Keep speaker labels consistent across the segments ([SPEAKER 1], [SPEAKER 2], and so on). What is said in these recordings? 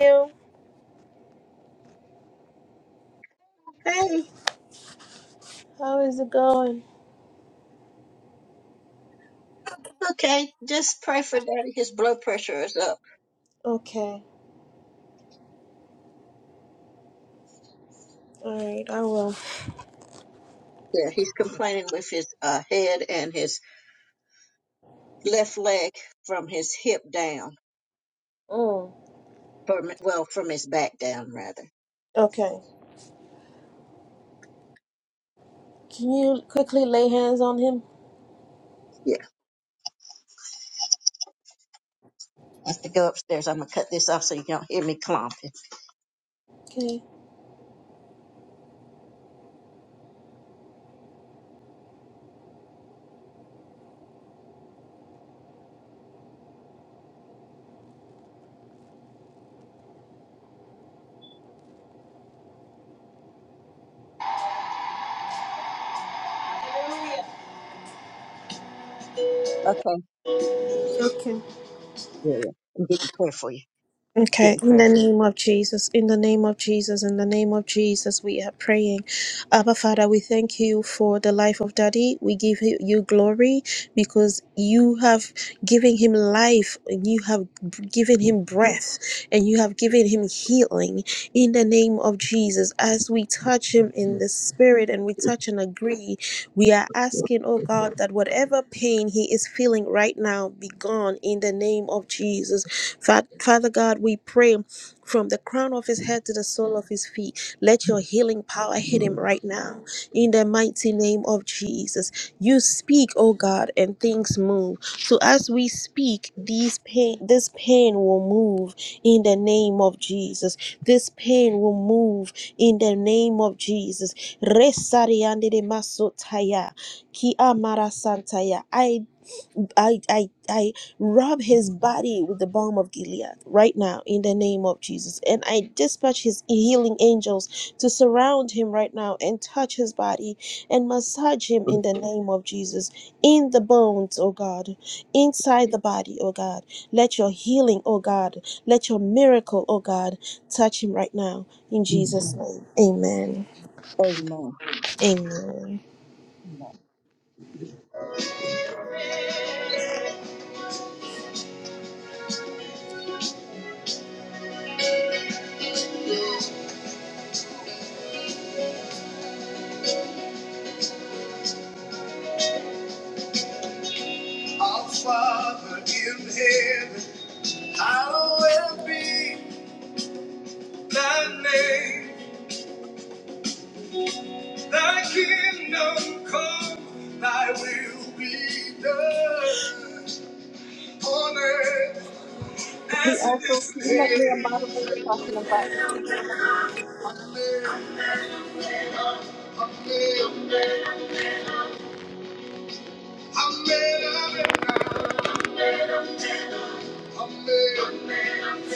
[SPEAKER 1] you?
[SPEAKER 2] Hey,
[SPEAKER 1] How is it going?
[SPEAKER 2] okay, just pray for Daddy. His blood pressure is up.
[SPEAKER 1] Okay. Alright, I will.
[SPEAKER 2] Yeah, he's complaining with his uh, head and his left leg from his hip down.
[SPEAKER 1] Mm.
[SPEAKER 2] From well, from his back down rather.
[SPEAKER 1] Okay. Can you quickly lay hands on him?
[SPEAKER 2] Yeah, I have to go upstairs. I'm gonna cut this off so you don't hear me clomping.
[SPEAKER 1] Okay.
[SPEAKER 2] Okay. Yeah,
[SPEAKER 1] Okay.
[SPEAKER 2] yeah. I'm getting prayer for you.
[SPEAKER 1] Okay,
[SPEAKER 2] Getting
[SPEAKER 1] in
[SPEAKER 2] prayer
[SPEAKER 1] the
[SPEAKER 2] for
[SPEAKER 1] name of Jesus, in the name of Jesus, in the name of Jesus, we are praying. Abba Father, we thank you for the life of Daddy. We give you you glory because you have given him life, and you have given him breath, and you have given him healing in the name of Jesus. As we touch him in the spirit and we touch and agree, we are asking, oh God, that whatever pain he is feeling right now be gone in the name of Jesus. Fa- Father God, we pray from the crown of his head to the sole of his feet. Let your healing power hit him right now in the mighty name of Jesus. Jesus. You speak, oh God, and things move. So as we speak, these pain, this pain will move in the name of Jesus. This pain will move in the name of Jesus. Resariande de masotaya, ki amara santaya. I I, I, I rub his body with the balm of Gilead right now in the name of Jesus. And I dispatch his healing angels to surround him right now and touch his body and massage him in the name of Jesus. In the bones, oh God, inside the body, oh God. Let your healing, oh God, let your miracle, oh God, touch him right now in
[SPEAKER 2] you.
[SPEAKER 1] Jesus' name. Amen.
[SPEAKER 2] Amen.
[SPEAKER 1] Amen. Our Father in heaven, hallowed be thy name. Thy kingdom come, thy will be done on earth
[SPEAKER 2] Hey,
[SPEAKER 1] as it
[SPEAKER 2] Astro,
[SPEAKER 1] is
[SPEAKER 2] can you make me a
[SPEAKER 1] in heaven.
[SPEAKER 2] moderator so I can invite some people up?
[SPEAKER 1] Amen, amen, amen, amen, amen, amen, amen.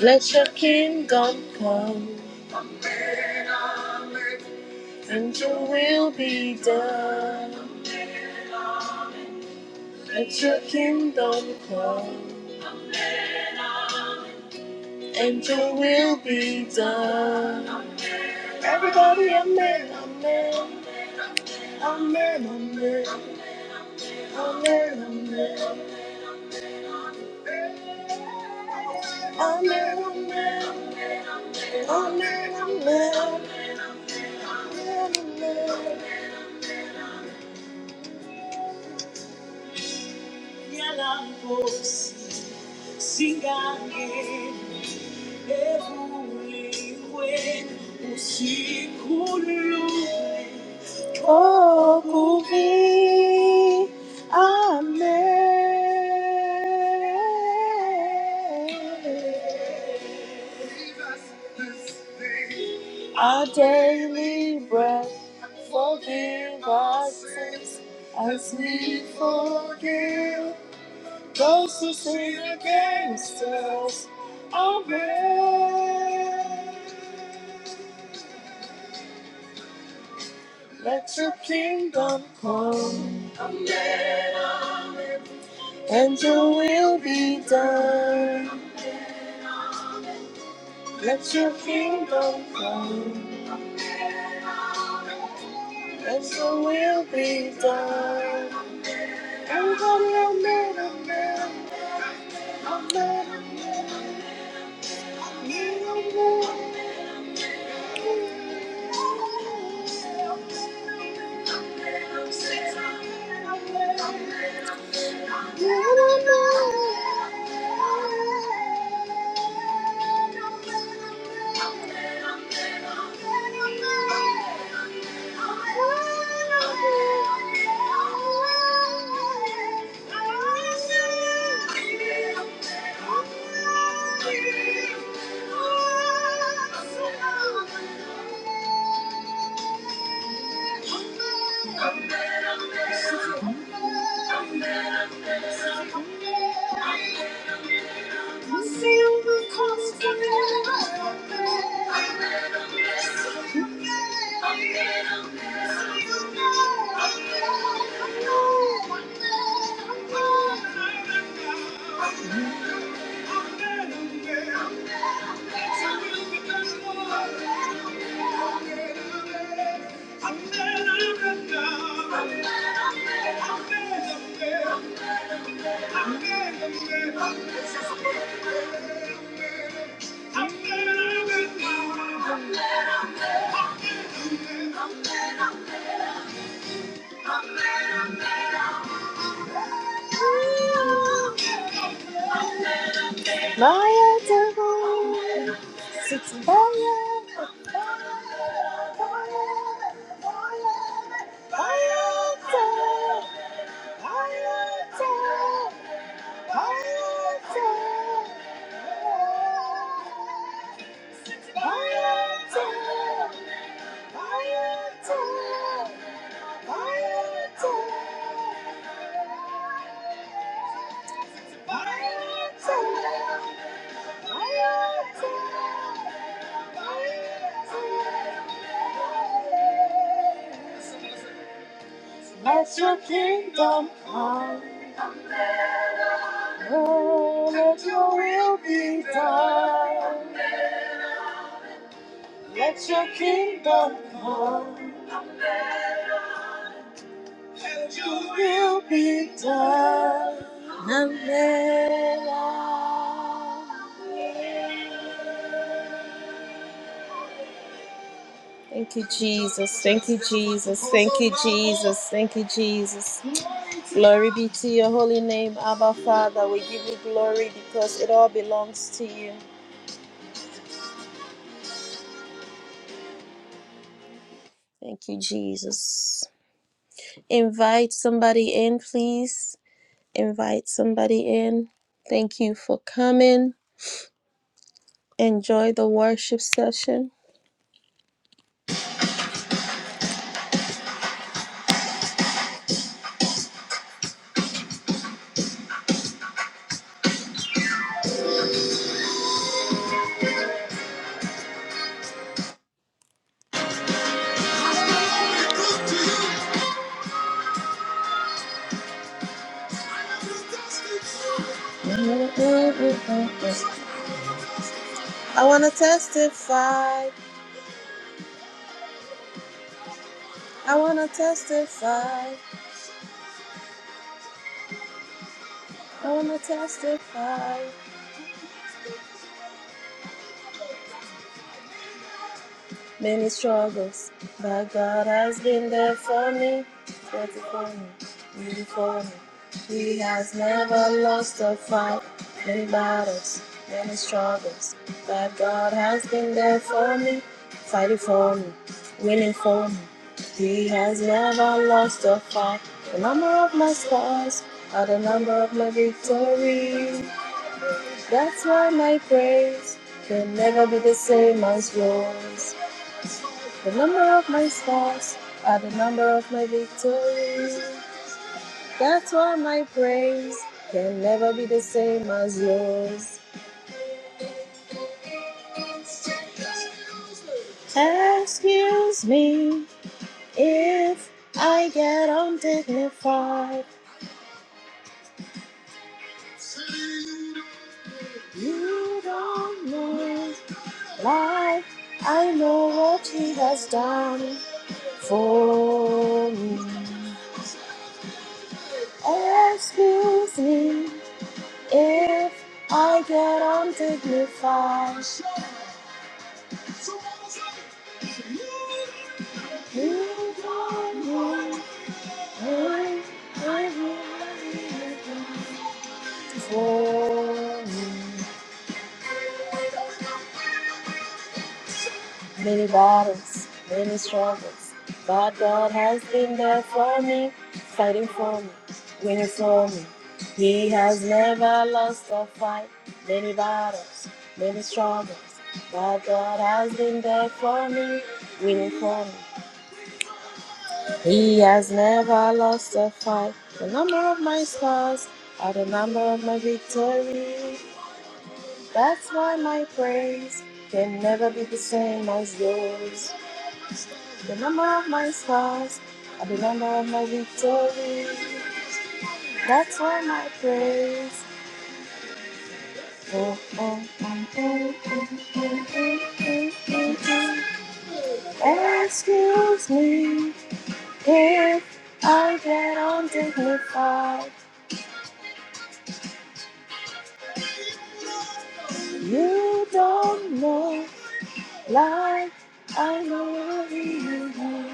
[SPEAKER 1] Let your kingdom come and your will be done Let your kingdom come and your will be done. Everybody, amen, amen, amen, amen, amen, amen, amen, amen, amen, amen. Alabos, singane, ebule, we, usikhulule. me. Amen. Our daily bread, forgive us sins as we forgive those who sin against us. Amen. Let your kingdom come and be done. And Thank you. Thank you. Thank you. I'm Maya Devil, six Maya. Kingdom come, and your will be done. Your kingdom come, and your will be done. Thank you, Jesus. Thank you, Jesus. Thank you, Jesus. Thank you, Jesus. Glory be to your holy name, Abba Father. We give you glory because it all belongs to you. Thank you, Jesus. Invite somebody in, please. Invite somebody in. Thank you for coming. Enjoy the worship session. I want to testify. I want to testify. Testify. Many struggles, but God has been there for me. For me, really for me. He has never lost a fight. Many battles, many struggles, but God has been there for me, fighting for me, winning for me. He has never lost a fight. The number of my scars are the number of my victories. That's why my praise can never be the same as yours. The number of my scars are the number of my victories. That's why my praise can never be the same as yours. Excuse me if I. You, life I has done for me. And if I get undignified, you don't know what I have done for me. many battles, many struggles. But God has been there for me, fighting for me, winning for me. He has never lost a fight. Many battles, many struggles. But God has been there for me, winning for me. He has never lost a fight. The number of my scars are the number of my victories. That's why my praise can never be the same as yours. The number of my scars are the number of my victories. That's why my praise. Oh, oh, oh, oh, oh, oh, oh, oh, oh, oh. Excuse me if I get undignified. You don't know. Like I love you.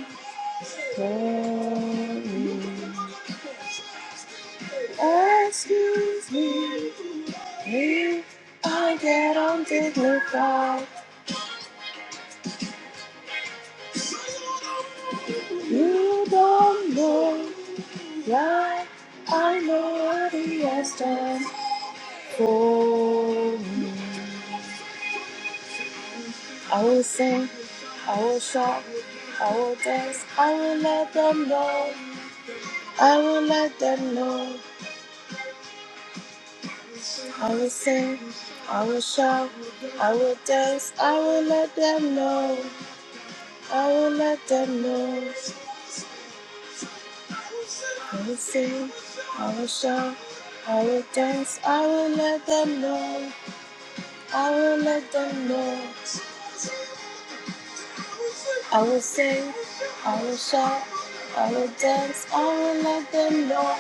[SPEAKER 1] Tell me. Excuse me if I get undignified. You don't know like I know what he has done for me. I will sing. I will shout, I will dance, I will let them know, I will let them know. I will sing, I will shout, I will dance, I will let them know, I will let them know. I will sing, I will shout, I will dance, I will let them know, I will let them know. I will sing, I will shout, I will dance, I will let them know.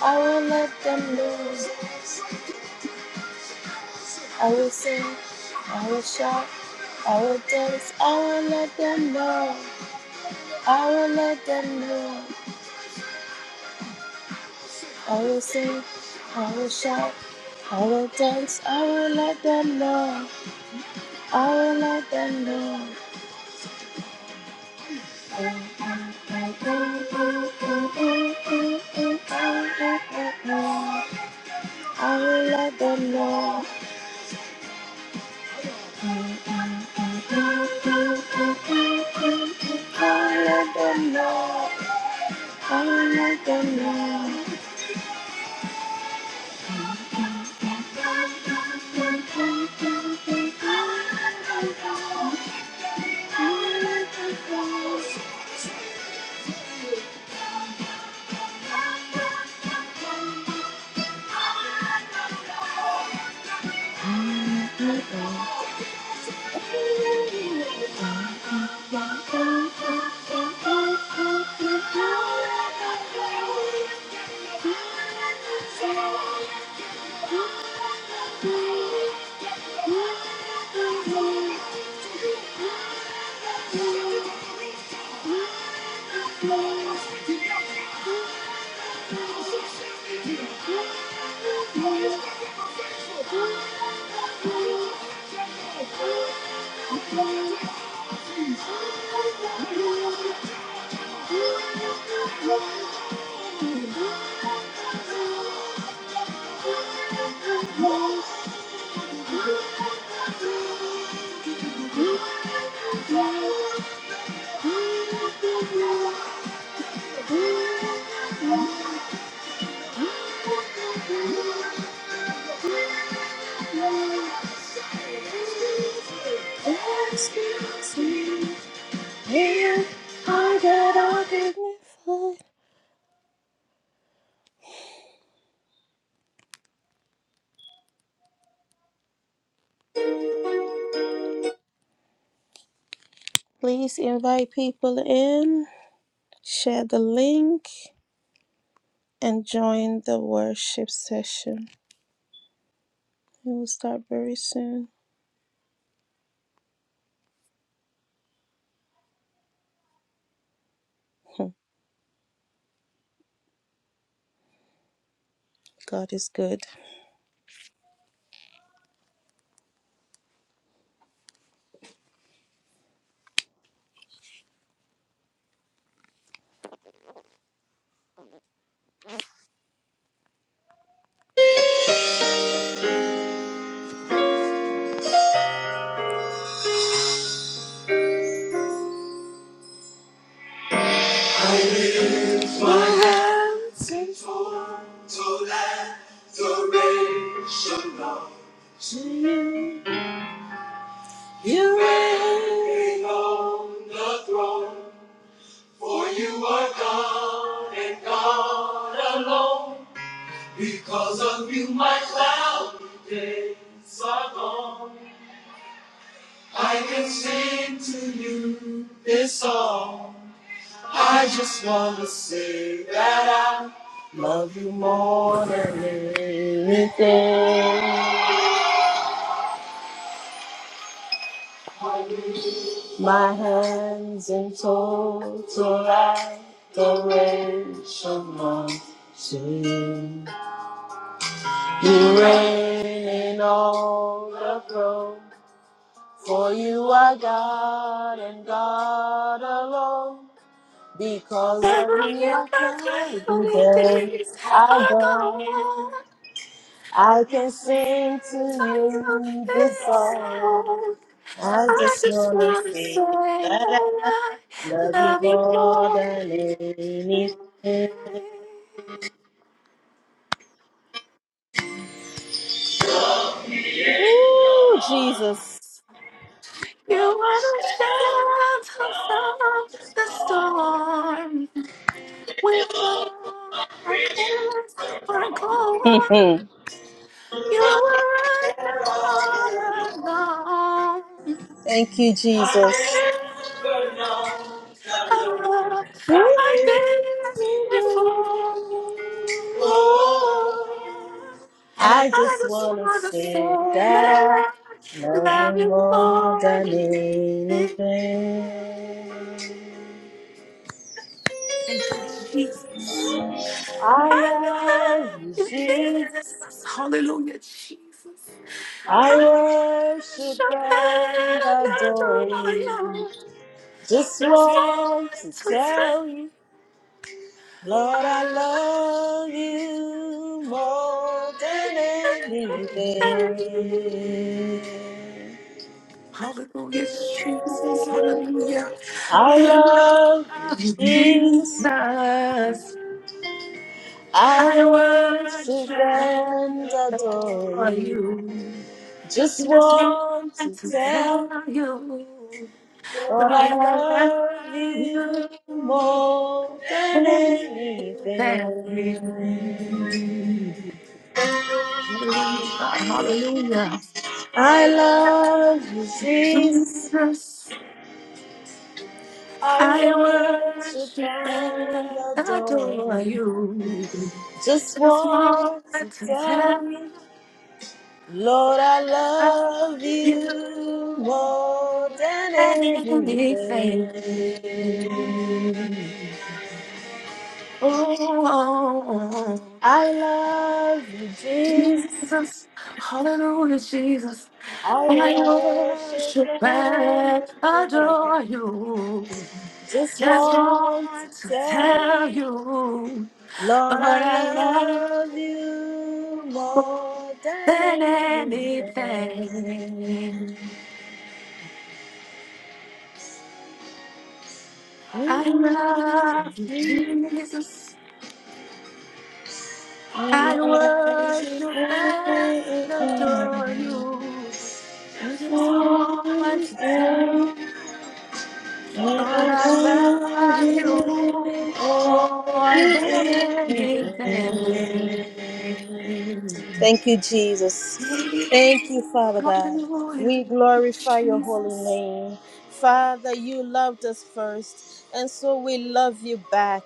[SPEAKER 1] I will let them know. I will sing, I will shout, I will dance, I will let them know. I will let them know. I will sing, I will shout, I will dance, I will let them know. I will let them know. I'll let them know. I'll let them know. i let them know. Thank you. Thank you. Please invite people in. Share the link and join the worship session. It will start very soon. Hmm, God is good. To let adoration know you belong the throne, for you are God and God alone. Because of you, my cloudy days are gone. I can sing to you this song. I just want to say that I'm mourning the rain month sing. You reign in all the throne. For you are God and God alone. Because of
[SPEAKER 3] Several
[SPEAKER 1] who
[SPEAKER 3] years
[SPEAKER 1] I
[SPEAKER 3] my
[SPEAKER 1] fly
[SPEAKER 3] faithfully days
[SPEAKER 1] days I
[SPEAKER 3] are
[SPEAKER 1] go.
[SPEAKER 3] gone.
[SPEAKER 1] I
[SPEAKER 3] I
[SPEAKER 1] can
[SPEAKER 3] just
[SPEAKER 1] sing
[SPEAKER 3] sing
[SPEAKER 1] to
[SPEAKER 3] to you
[SPEAKER 1] you this
[SPEAKER 3] this
[SPEAKER 1] song.
[SPEAKER 3] song.
[SPEAKER 1] I
[SPEAKER 3] I
[SPEAKER 1] just
[SPEAKER 3] just
[SPEAKER 1] want to
[SPEAKER 3] wanna
[SPEAKER 1] see
[SPEAKER 3] say that
[SPEAKER 1] that. I-
[SPEAKER 3] I love you more than you think.
[SPEAKER 1] Oh, Jesus.
[SPEAKER 3] You are the shelter from the storm when all my friends were gone.
[SPEAKER 1] Mm.
[SPEAKER 3] You were right there all along.
[SPEAKER 1] Thank you,
[SPEAKER 3] I
[SPEAKER 1] Jesus.
[SPEAKER 3] never knew a love like this before.
[SPEAKER 1] I
[SPEAKER 3] I
[SPEAKER 1] just
[SPEAKER 3] just
[SPEAKER 1] want to
[SPEAKER 3] wanna say
[SPEAKER 1] say that
[SPEAKER 3] that
[SPEAKER 1] I
[SPEAKER 3] I
[SPEAKER 1] love you
[SPEAKER 3] love you
[SPEAKER 1] more
[SPEAKER 3] more
[SPEAKER 1] than
[SPEAKER 3] than anything.
[SPEAKER 1] anything.
[SPEAKER 3] Thank you, Jesus.
[SPEAKER 1] I
[SPEAKER 3] I
[SPEAKER 1] love
[SPEAKER 3] love
[SPEAKER 1] you,
[SPEAKER 3] you,
[SPEAKER 1] Jesus.
[SPEAKER 3] Jesus. Hallelujah, Jesus.
[SPEAKER 1] I worship and adore you. Just want to tell you. Lord, I love you more than anything.
[SPEAKER 3] Hallelujah, Jesus, hallelujah.
[SPEAKER 1] I
[SPEAKER 3] I
[SPEAKER 1] love You,
[SPEAKER 3] love you,
[SPEAKER 1] Jesus.
[SPEAKER 3] Jesus.
[SPEAKER 1] I
[SPEAKER 3] I
[SPEAKER 1] worship
[SPEAKER 3] worship and
[SPEAKER 1] and adore
[SPEAKER 3] adore
[SPEAKER 1] you.
[SPEAKER 3] you.
[SPEAKER 1] Just
[SPEAKER 3] Just want
[SPEAKER 1] want to
[SPEAKER 3] to tell
[SPEAKER 1] tell
[SPEAKER 3] you.
[SPEAKER 1] Lord
[SPEAKER 3] I
[SPEAKER 1] I
[SPEAKER 3] love
[SPEAKER 1] love you
[SPEAKER 3] you
[SPEAKER 1] more than
[SPEAKER 3] more than
[SPEAKER 1] anything.
[SPEAKER 3] anything. Hallelujah, God. Hallelujah.
[SPEAKER 1] I love you, Jesus.
[SPEAKER 3] Jesus,
[SPEAKER 1] I
[SPEAKER 3] I
[SPEAKER 1] worship
[SPEAKER 3] worship
[SPEAKER 1] and
[SPEAKER 3] and
[SPEAKER 1] adore
[SPEAKER 3] adore
[SPEAKER 1] you.
[SPEAKER 3] you.
[SPEAKER 1] Just
[SPEAKER 3] Just want
[SPEAKER 1] want to
[SPEAKER 3] to tell
[SPEAKER 1] tell
[SPEAKER 3] you
[SPEAKER 1] you, Lord, I
[SPEAKER 3] I love
[SPEAKER 1] love you
[SPEAKER 3] you
[SPEAKER 1] more
[SPEAKER 3] more
[SPEAKER 1] than
[SPEAKER 3] than
[SPEAKER 1] anything.
[SPEAKER 3] anything. Oh,
[SPEAKER 1] I love you, Jesus.
[SPEAKER 3] Jesus, hallelujah, Jesus.
[SPEAKER 1] I
[SPEAKER 3] I
[SPEAKER 1] worship
[SPEAKER 3] worship
[SPEAKER 1] and
[SPEAKER 3] and
[SPEAKER 1] adore you.
[SPEAKER 3] adore you.
[SPEAKER 1] Just
[SPEAKER 3] Just
[SPEAKER 1] want to
[SPEAKER 3] want to
[SPEAKER 1] tell
[SPEAKER 3] tell
[SPEAKER 1] you.
[SPEAKER 3] you,
[SPEAKER 1] Lord,
[SPEAKER 3] Lord,
[SPEAKER 1] I
[SPEAKER 3] I love you
[SPEAKER 1] love you
[SPEAKER 3] more
[SPEAKER 1] more than
[SPEAKER 3] than
[SPEAKER 1] everything.
[SPEAKER 3] anything. I
[SPEAKER 1] Mm,
[SPEAKER 3] love you,
[SPEAKER 1] mm,
[SPEAKER 3] Jesus.
[SPEAKER 1] I
[SPEAKER 3] I
[SPEAKER 1] love you.
[SPEAKER 3] worship
[SPEAKER 1] I
[SPEAKER 3] and adore you. Just want to tell you, Lord,
[SPEAKER 1] love
[SPEAKER 3] I love
[SPEAKER 1] you.
[SPEAKER 3] you more than anything.
[SPEAKER 1] Thank you, Jesus. Thank you, Father God.
[SPEAKER 3] Hallelujah,
[SPEAKER 1] We glorify your holy
[SPEAKER 3] Jesus.
[SPEAKER 1] name. Father, you loved us first, and so we love you back.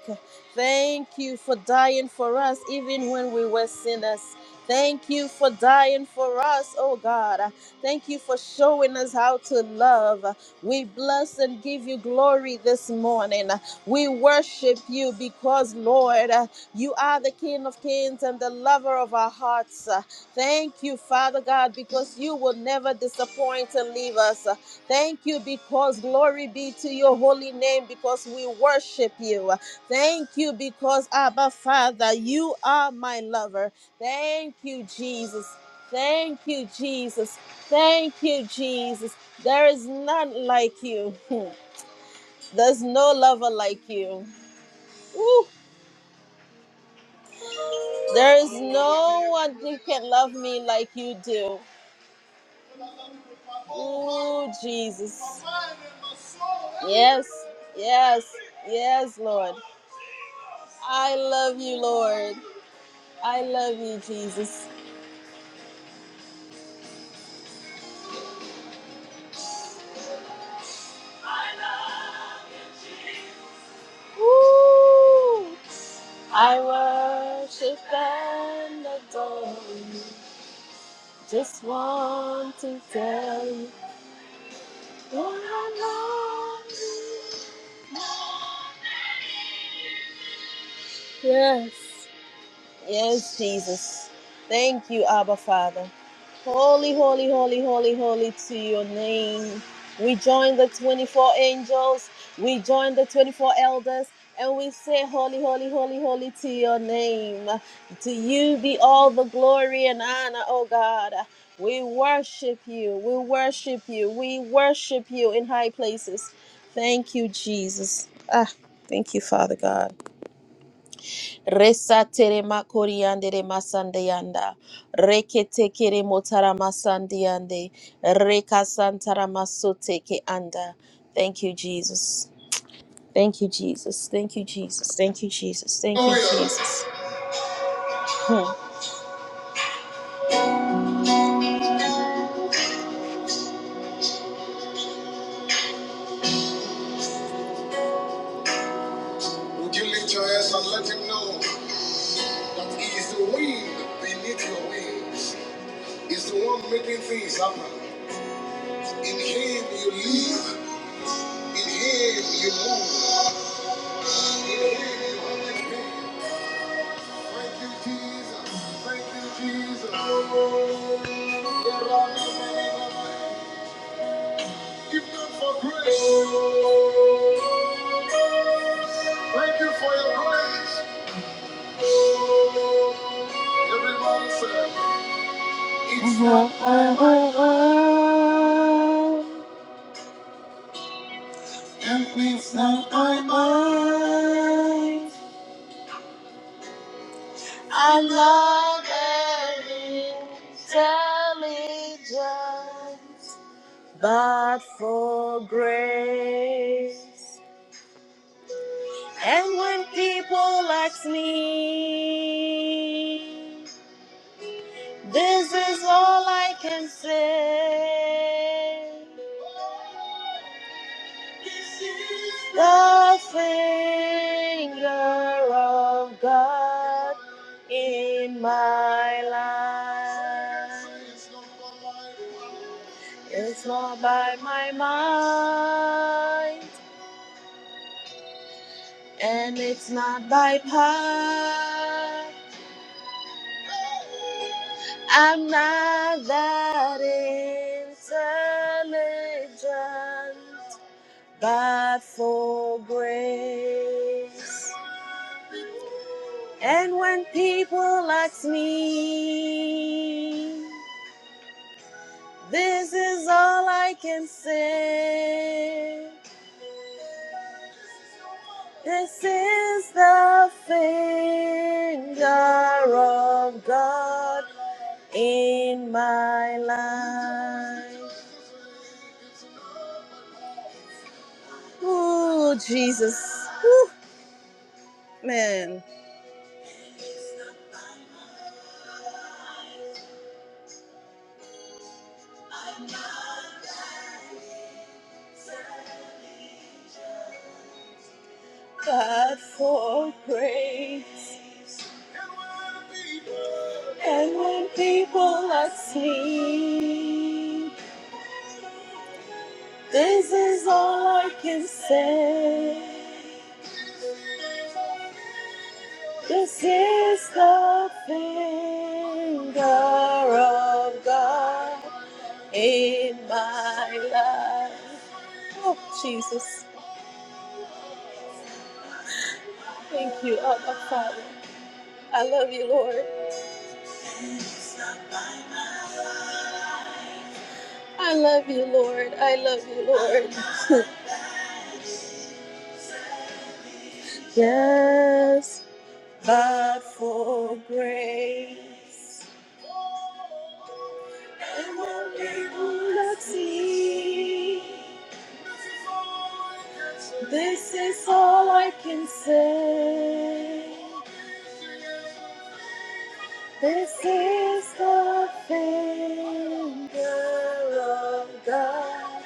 [SPEAKER 1] Thank you for dying for us, even when we were sinners. Thank you for dying for us, oh God. Thank you for showing us how to love. We bless and give you glory this morning. We worship you because, Lord, you are the King of Kings and the lover of our hearts. Thank you, Father God, because you will never disappoint and leave us. Thank you because glory be to your holy name because we worship you. Thank you because, Abba Father, you are my lover. Thank you, Jesus. Thank you, Jesus. Thank you, Jesus. There is none like you. There's no lover like you. Whew. There is no like you do. Oh, Jesus. Yes, yes, yes, Lord. I Jesus. I worship and adore. Just want to tell you. Yes. Yes, Jesus. Thank you, Abba Father. Holy, holy, holy, holy, holy to your name. We join the 24 angels, we join the 24 elders, and we say, Holy, holy, holy, holy to your name. To you be all the glory and honor, oh God. We worship you, we worship you, we worship you in high places. Thank you, Jesus. Ah, thank you, Father God. Resatere makoriandere masandeyanda. Reketekere motara masandeyande. Rekasantara masoteke anda. Thank you, Jesus. Thank you, Jesus. Thank you, Jesus. Thank you, Jesus. Thank you, Jesus. Hmm. Would you lift your hands and let him know that he is the wind beneath your wings? is the one making things happen. In him you live. In him you move. In him you have your being. Thank you, Jesus. Thank you, Jesus. Give them for grace. Thank you for your grace. Everyone said, It's not empty. It's not empty. but for grace. And when people ask me, This is all I can say. The finger of God in my life. It's not by my mind, and it's not by power. I'm not that intelligent, but for grace. And when people ask me, this is all I can say. This is the finger of God in my life. Oh, Jesus. Whew, man. God for grace. And when people are asleep, this is all I can say. This is the finger of God in my life. Oh, Jesus. Thank you, Abba Father. I love you, Lord. I love you, Lord. I love you, Lord. Yeah. But for grace, I won't be able to see. This is all I can say. This is the finger of God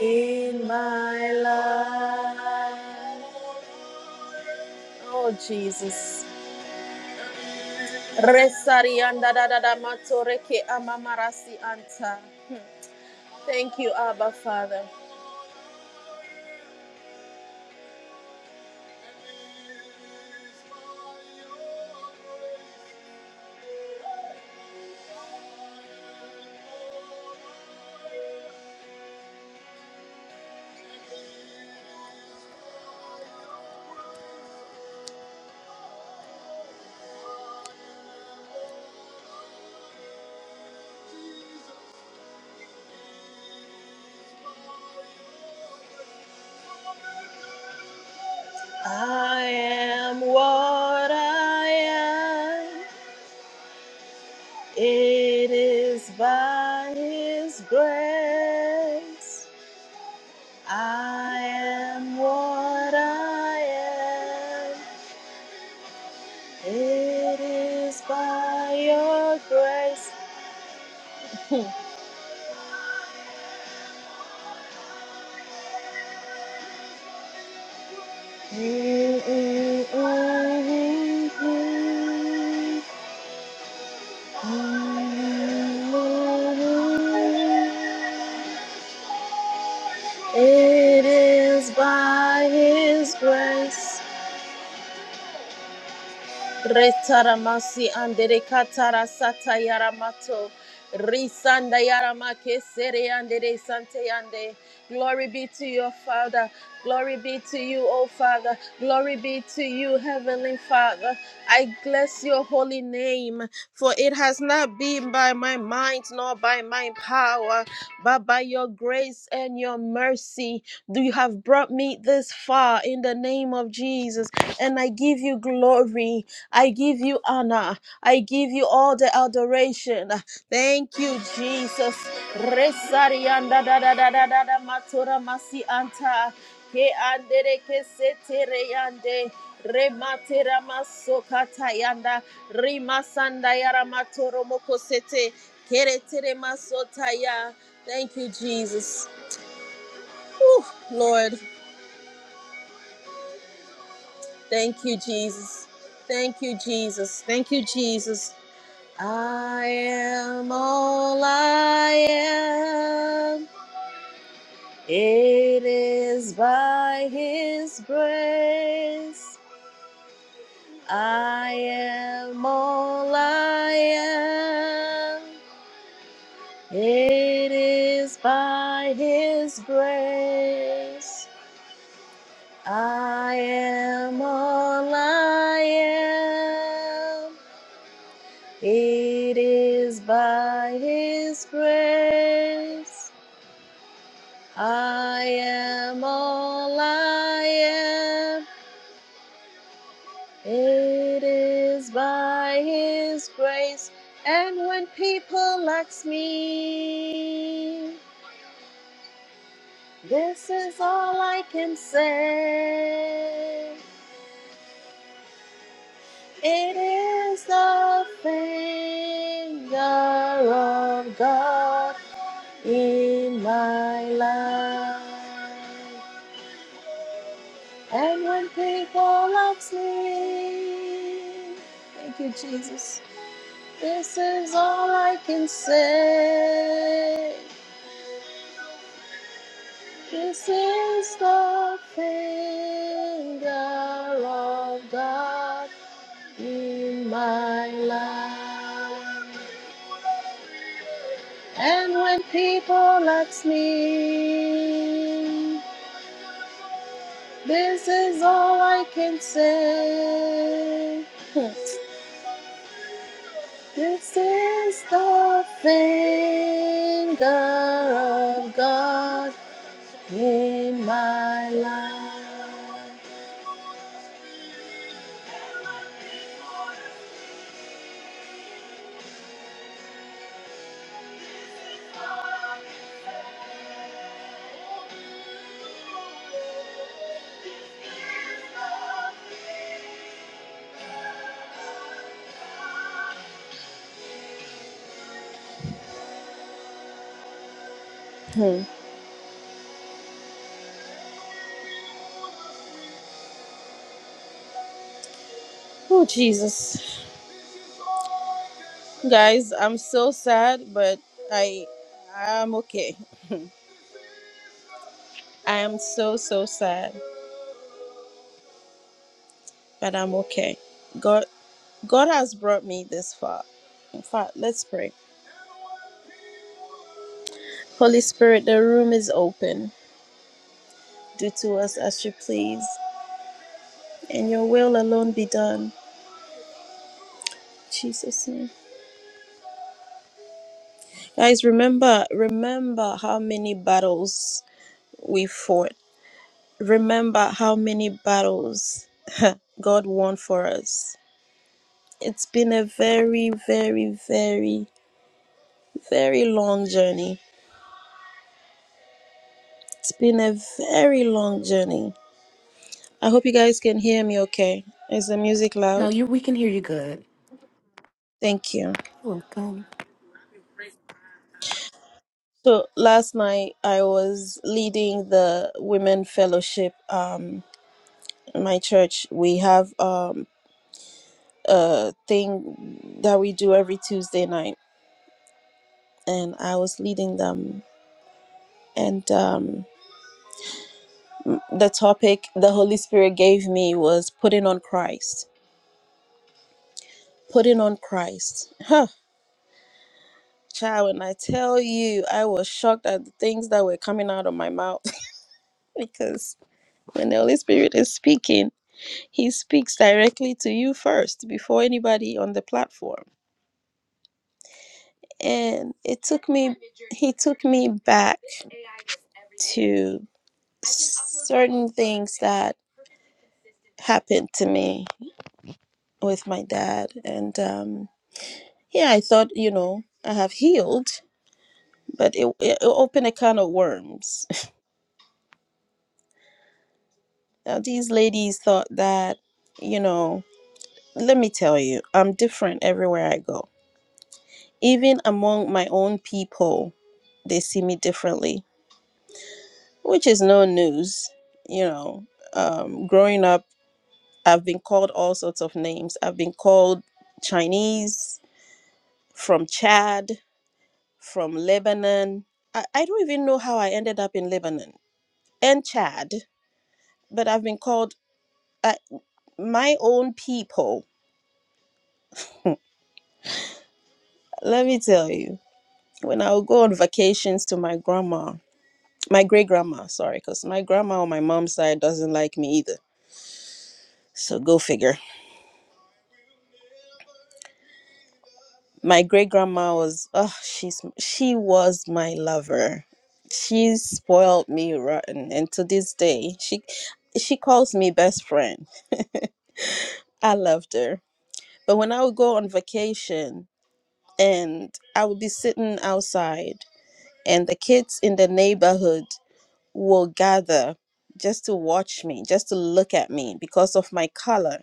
[SPEAKER 1] in my life. Oh, Jesus. Resari anda da da da matore ke amamarasi anta. Thank you, Abba Father. I am what I am. It is by His grace I am what I am. It is by Your grace. Mm, mm, mm, mm, mm. Mm, mm, mm. It is by His grace. Retaramasi andere katara sata yaramato. Risanda yaramake sere andere sante yande. Glory be to your Father. Glory be to you, O Father. Glory be to you, Heavenly Father. I bless your holy name, for it has not been by my might nor by my power, but by your grace and your mercy. Do you have brought me this far in the name of Jesus? And I give you glory. I give you honor. I give you all the adoration. Thank you, Jesus. Resari anda da da da da da da matora masi anta ke andere ke setere yande rematera maso kata yanda rimasanda yara matoro moko sete kere tere maso taya. Thank you, Jesus, Lord. Thank you, Jesus. Thank you, Jesus. Thank you, Jesus. I am all I am. It is by His grace. I am all I am. It is by His grace. I am all I am. It is by His grace. I am all I am. It is by His grace. And when people ask me, this is all I can say. It is the finger of God. in my life. And when people ask me, thank you, Jesus. This is all I can say. This is the finger of God in my life. And when people ask me, This is all I can say. This is the finger of God in my life. Hmm. Oh, Jesus. Guys, I'm so sad, but I I'm okay. I am so so sad, but I'm okay. God God has brought me this far. In fact, let's pray. Holy Spirit, the room is open. Do to us as you please, and your will alone be done. In Jesus name. Guys, remember remember how many battles we fought. Remember how many battles God won for us. It's been a very, very, very, very long journey. It's been a very long journey. I hope you guys can hear me okay. Is the music
[SPEAKER 3] No,
[SPEAKER 1] loud?
[SPEAKER 3] you. We can hear you good.
[SPEAKER 1] Thank you.
[SPEAKER 3] You're welcome.
[SPEAKER 1] So last night I was leading the women fellowship. Um, in my church we have um a thing that we do every Tuesday night, and I was leading them. And um, the topic the Holy Spirit gave me was putting on Christ putting on Christ. Huh. Child, when I tell you, I was shocked at the things that were coming out of my mouth because when the Holy Spirit is speaking, He speaks directly to you first before anybody on the platform. And it took me, He took me back to certain things that happened to me with my dad. And um, yeah, I thought, you know, I have healed, but it, it opened a can of worms Now, these ladies thought that, you know, let me tell you, I'm different everywhere I go. Even among my own people, they see me differently, which is no news. You know, um, growing up, I've been called all sorts of names. I've been called Chinese, from Chad, from Lebanon. I, I don't even know how I ended up in Lebanon and Chad, but I've been called I, my own people. Let me tell you. when I would go on vacations to my grandma, my great grandma, sorry, because my grandma on my mom's side doesn't like me either. So go figure. My great grandma was, oh, she's she was my lover. She spoiled me rotten, and to this day, she she calls me best friend. I loved her. But when I would go on vacation, and I would be sitting outside, and the kids in the neighborhood will gather just to watch me, just to look at me because of my color,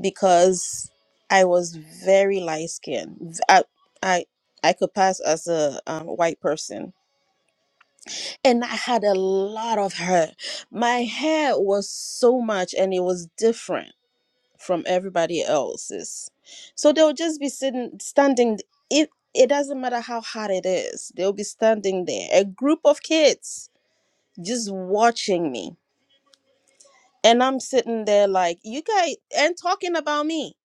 [SPEAKER 1] because I was very light skinned. I, I, I could pass as a um, white person. And I had a lot of hair. My hair was so much and it was different from everybody else's. So they'll just be sitting, standing. It, it doesn't matter how hot it is, they'll be standing there. A group of kids just watching me And I'm sitting there like, you guys, and talking about me.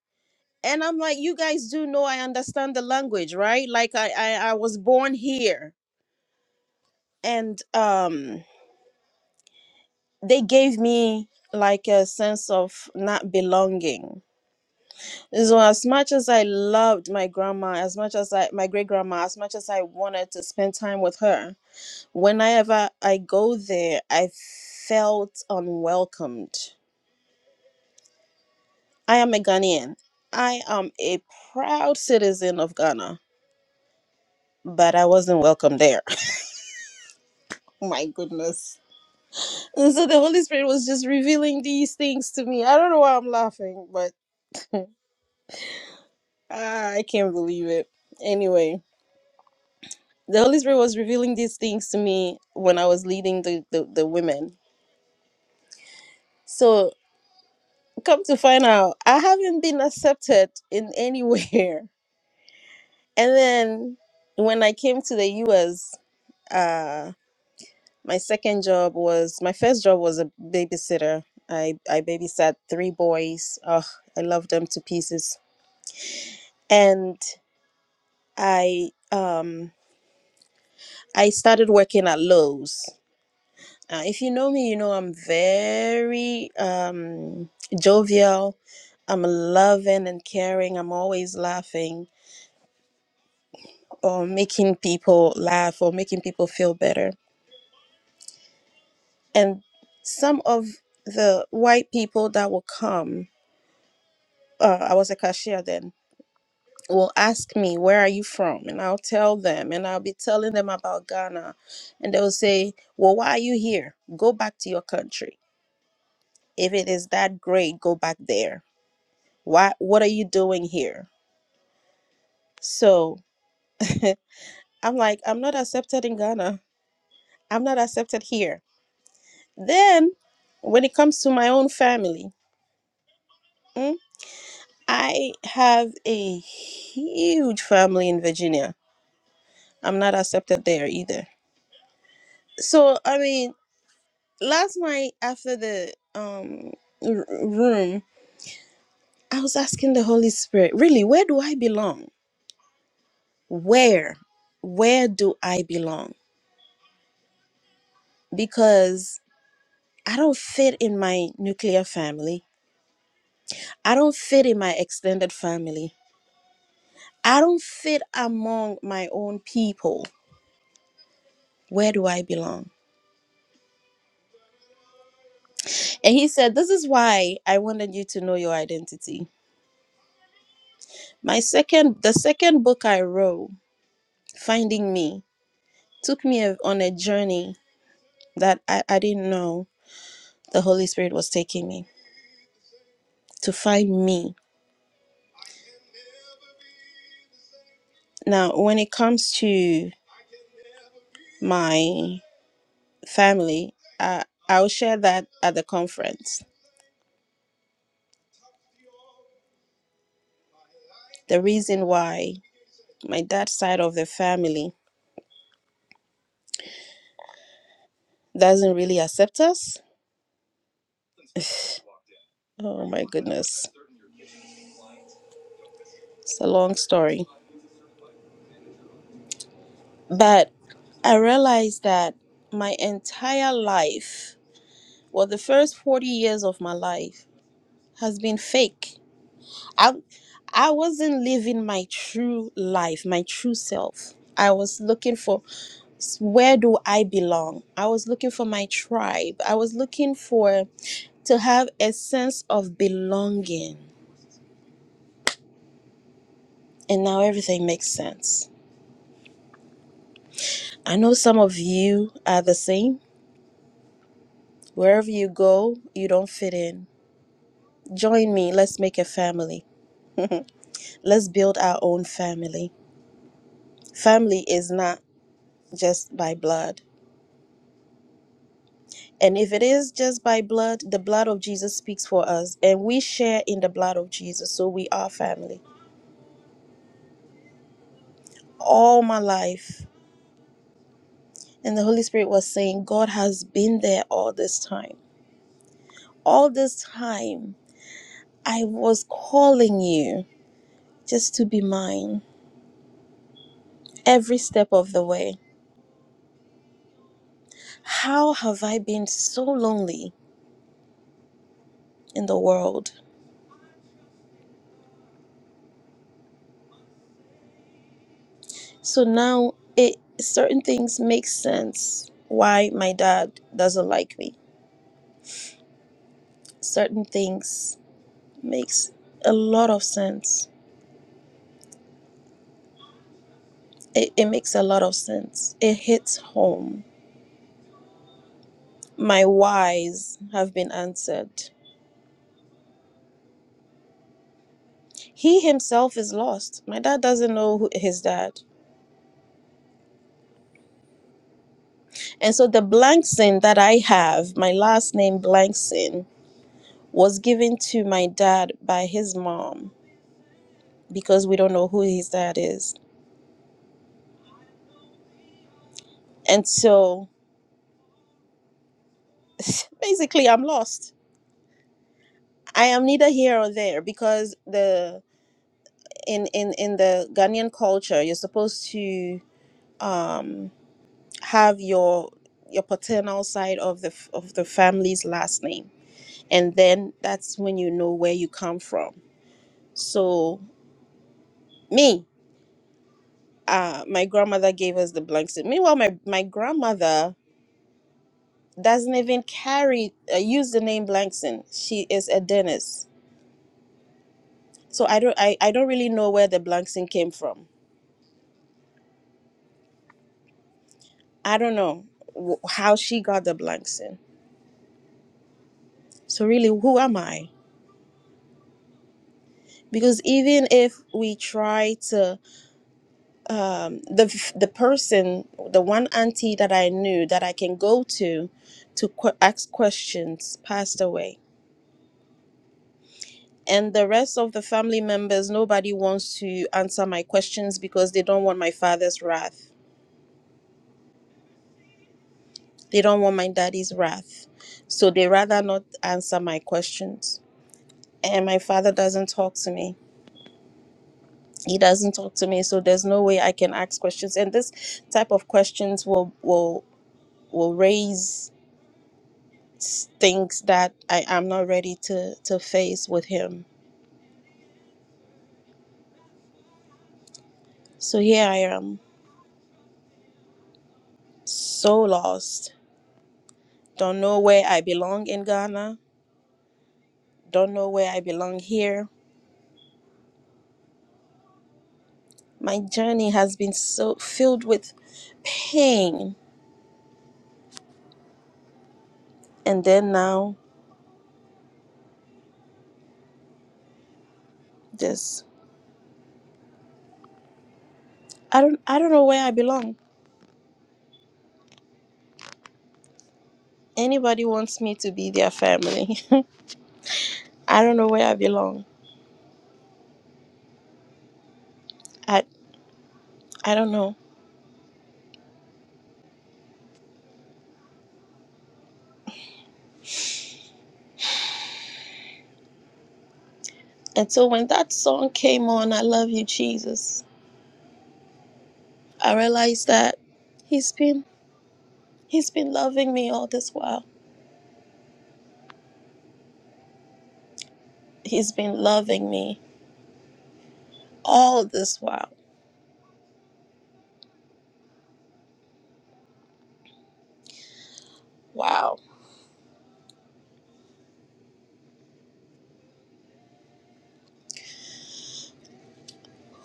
[SPEAKER 1] And I'm like, you guys do know I understand the language, right? Like I, I, I was born here. And um, they gave me like a sense of not belonging. So as much as I loved my grandma, as much as I, my great grandma, as much as I wanted to spend time with her, whenever I go there, I felt unwelcomed I am a Ghanaian. I am a proud citizen of Ghana, but I wasn't welcome there. My goodness. And so the Holy Spirit was just revealing these things to me. I don't know why I'm laughing, but ah, I can't believe it. Anyway, the Holy Spirit was revealing these things to me when I was leading the, the, the women. So come to find out, I haven't been accepted in anywhere. And then when I came to the US, uh. My second job was my first job was a babysitter. I I babysat three boys. Oh, I love them to pieces. And I um I started working at Lowe's. Uh, if you know me, you know I'm very um jovial. I'm loving and caring. I'm always laughing or making people laugh or making people feel better. And some of the white people that will come uh, I was a cashier then will ask me where are you from and i'll tell them and i'll be telling them about ghana and they'll say well why are you here go back to your country if it is that great go back there why what are you doing here so i'm like i'm not accepted in ghana i'm not accepted here then when it comes to my own family mm, i have a huge family in virginia i'm not accepted there either so i mean last night after the um r- room i was asking the holy spirit really where do i belong where where do i belong because i don't fit in my nuclear family i don't fit in my extended family i don't fit among my own people where do i belong and he said this is why i wanted you to know your identity my second the second book i wrote finding me took me a- on a journey that I, I didn't know the Holy Spirit was taking me to find me. Now, when it comes to my family, uh, I'll share that at the conference. The reason why my dad's side of the family doesn't really accept us. Oh my goodness. It's a long story. But I realized that my entire life, well, the first 40 years of my life, has been fake I I wasn't living my true life, my true self. I was looking for s- where do I belong? I was looking for my tribe. I was looking for to have a sense of belonging. And now everything makes sense. I know some of you are the same. Wherever you go, you don't fit in. Join me. Let's make a family. let's build our own family. Family is not just by blood. And if it is just by blood, the blood of Jesus speaks for us, and we share in the blood of Jesus, so we are family. All my life, and the Holy Spirit was saying, God has been there all this time. All this time, I was calling you just to be mine every step of the way. How have I been so lonely in the world? So now it certain things make sense why my dad doesn't like me. Certain things makes a lot of sense. It, it makes a lot of sense. It hits home. My whys have been answered. He himself is lost. My dad doesn't know who his dad. And so the Blankson that I have, my last name Blankson, was given to my dad by his mom because we don't know who his dad is. And so basically, I'm lost. I am neither here or there because the in in in the Ghanaian culture, you're supposed to um, have your your paternal side of the f- of the family's last name, and then that's when you know where you come from. So me, uh, my grandmother gave us the Blankson. Meanwhile, my my grandmother doesn't even carry uh, use the name Blankson. She is a Dennis. So I don't I, I don't really know where the Blankson came from. I don't know wh- how she got the Blankson. So really, who am I? because even if we try to um, the f- the person the one auntie that i knew that i can go to to qu- ask questions passed away and the rest of the family members nobody wants to answer my questions because they don't want my father's wrath they don't want my daddy's wrath so they rather not answer my questions and my father doesn't talk to me he doesn't talk to me so there's no way i can ask questions and this type of questions will will will raise things that I am not ready to, to face with Him. So here I am, so lost. Don't know where I belong in Ghana. Don't know where I belong here. My journey has been so filled with pain. And then now, just I don't I don't know where I belong. Anybody wants me to be their family. I don't know where I belong. I I don't know. And so when that song came on, I love you, Jesus. I realized that he's been he's been loving me all this while. He's been loving me all this while. Wow.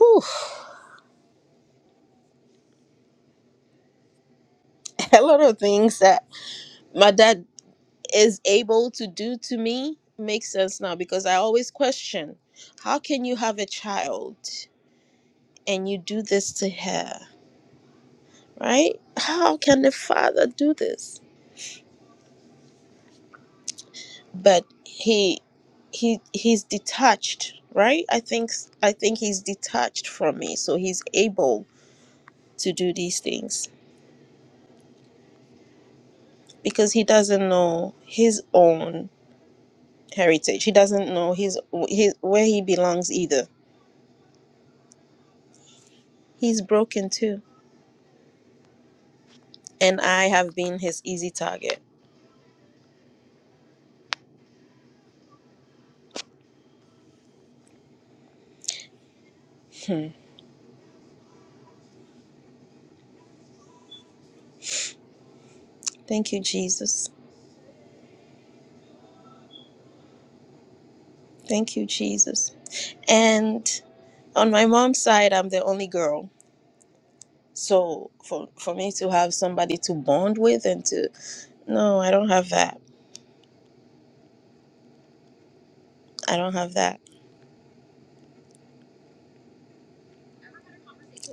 [SPEAKER 1] Whew. A lot of things that my dad is able to do to me makes sense now because I always question how can you have a child and you do this to her? Right? How can the father do this? But he he he's detached, right? I think I think he's detached from me, so he's able to do these things because he doesn't know his own heritage. He doesn't know his, his where he belongs either. He's broken too, and I have been his easy target. Hmm. Thank you, Jesus. Thank you, Jesus. And on my mom's side, I'm the only girl. So for for me to have somebody to bond with and to no, I don't have that. I don't have that.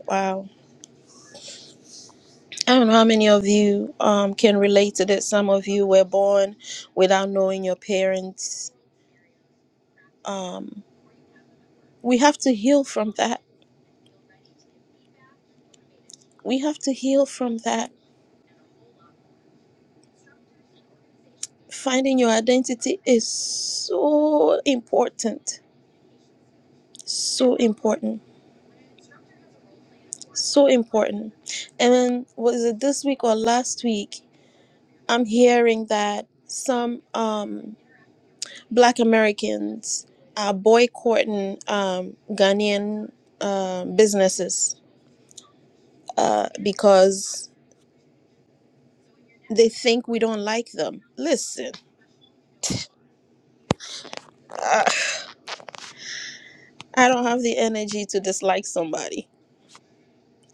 [SPEAKER 1] Wow. I don't know how many of you um, can relate to this. Some of you were born without knowing your parents. Um, we have to heal from that. We have to heal from that. Finding your identity is so important. So important. So important. And then, was it this week or last week? I'm hearing that some um, Black Americans are boycotting um, Ghanaian um businesses uh, because they think we don't like them. Listen, I, I don't have the energy to dislike somebody.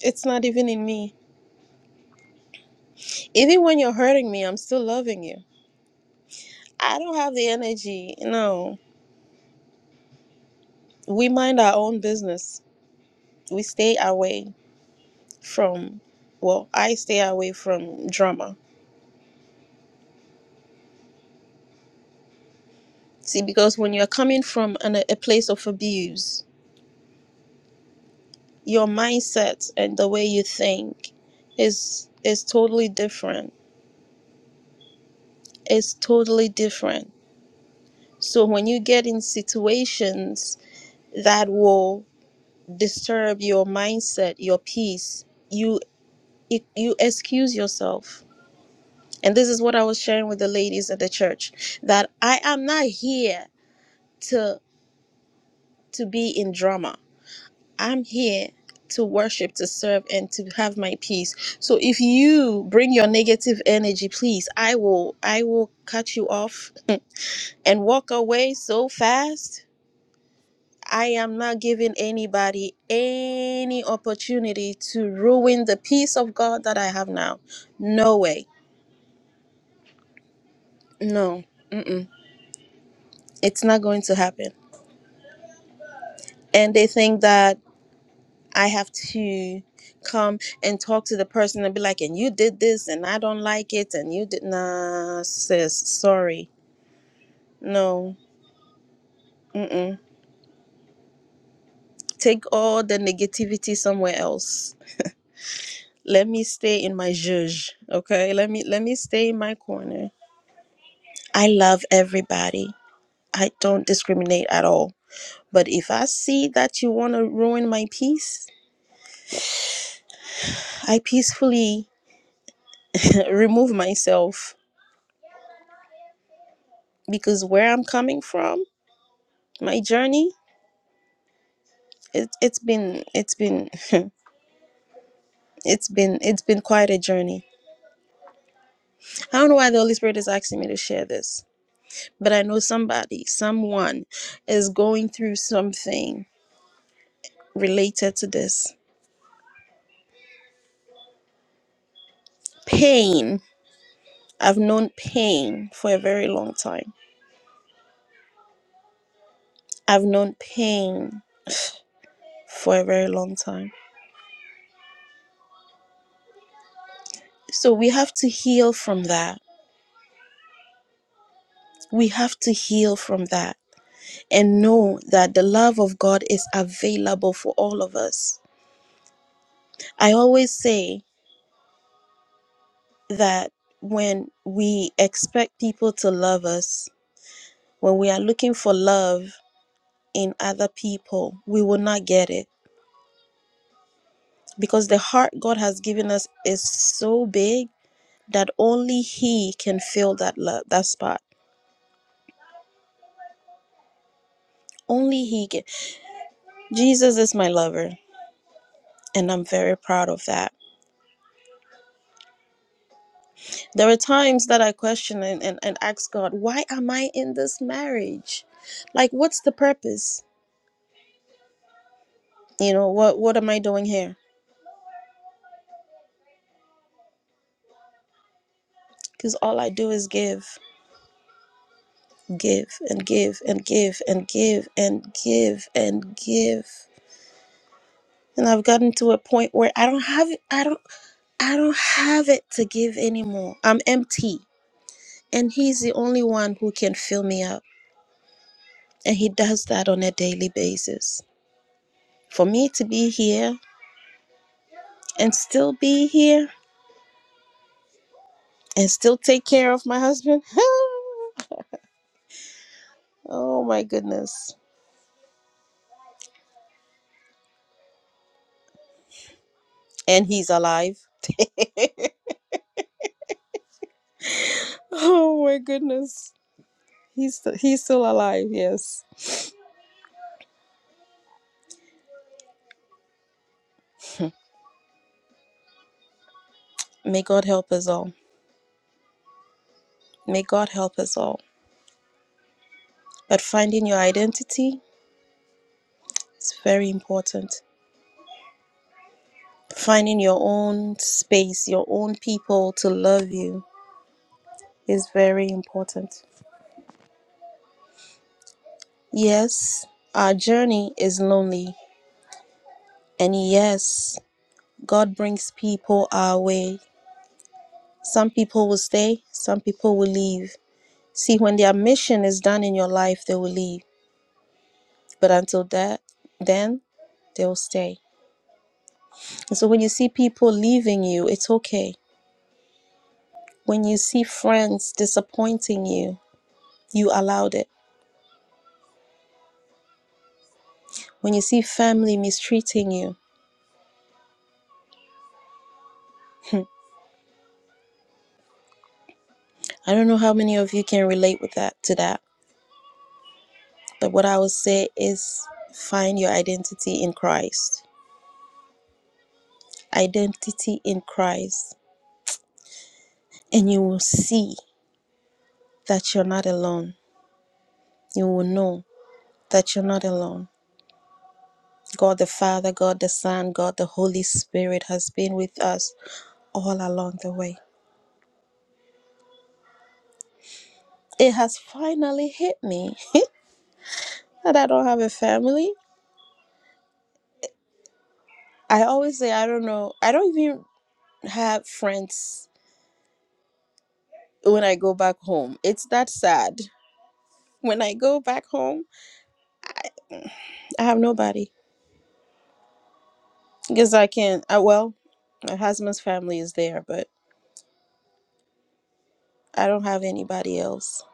[SPEAKER 1] It's not even in me. Even when you're hurting me, I'm still loving you. I don't have the energy. No, we mind our own business. We stay away from, well, I stay away from drama. See, because when you're coming from an, a place of abuse, your mindset and the way you think is is totally different. It's totally different So when you get in situations that will disturb your mindset, your peace, you you excuse yourself. And this is what I was sharing with the ladies at the church that I am not here to to be in drama. I'm here to worship, to serve and to have my peace. So if you bring your negative energy, please, I will I will cut you off and walk away so fast I am not giving anybody any opportunity to ruin the peace of God that I have now. No way. No. Mm-mm. It's not going to happen. And they think that I have to come and talk to the person and be like, and you did this and I don't like it and you did. Nah, sis, sorry. No. Mm-mm. Take all the negativity somewhere else. Let me stay in my zhuzh, okay? Let me let me stay in my corner I love everybody. I don't discriminate at all. But if I see that you want to ruin my peace, I peacefully remove myself because where I'm coming from, my journey, it, it's been, it's been, it's been, it's been quite a journey. I don't know why the Holy Spirit is asking me to share this, but I know somebody, someone is going through something related to this pain. I've known pain for a very long time I've known pain for a very long time. So we have to heal from that. We have to heal from that and know that the love of God is available for all of us. I always say that when we expect people to love us, when we are looking for love in other people, we will not get it because the heart God has given us is so big that only he can fill that love that spot. Only he can Jesus is my lover, and I'm very proud of that. There are times that I question and, and, and ask God, why am I in this marriage? Like, what's the purpose? You know, what, what am I doing here? Because all I do is give, give, and give, and give, and give, and give, and give. And I've gotten to a point where I don't have I don't I don't have it to give anymore. I'm empty. And he's the only one who can fill me up. And he does that on a daily basis. For me to be here and still be here and still take care of my husband, oh my goodness. And he's alive. oh my goodness. He's, st- he's still alive, yes. May God help us all. May God help us all. But finding your identity is very important. Finding your own space, your own people to love you is very important. Yes, our journey is lonely. And yes, God brings people our way. Some people will stay, some people will leave. See, when their mission is done in your life, they will leave. But until that, then they'll stay. And so when you see people leaving you, it's okay. When you see friends disappointing you, you allowed it. When you see family mistreating you, I don't know how many of you can relate with that to that. But what I would say is find your identity in Christ. Identity in Christ and you will see that you're not alone. You will know that you're not alone. God the Father, God the Son, God the Holy Spirit has been with us all along the way. It has finally hit me that I don't have a family. I always say, I don't know, I don't even have friends when I go back home. It's that sad. When I go back home, I have nobody because I can't. I, well, my husband's family is there, but I don't have anybody else.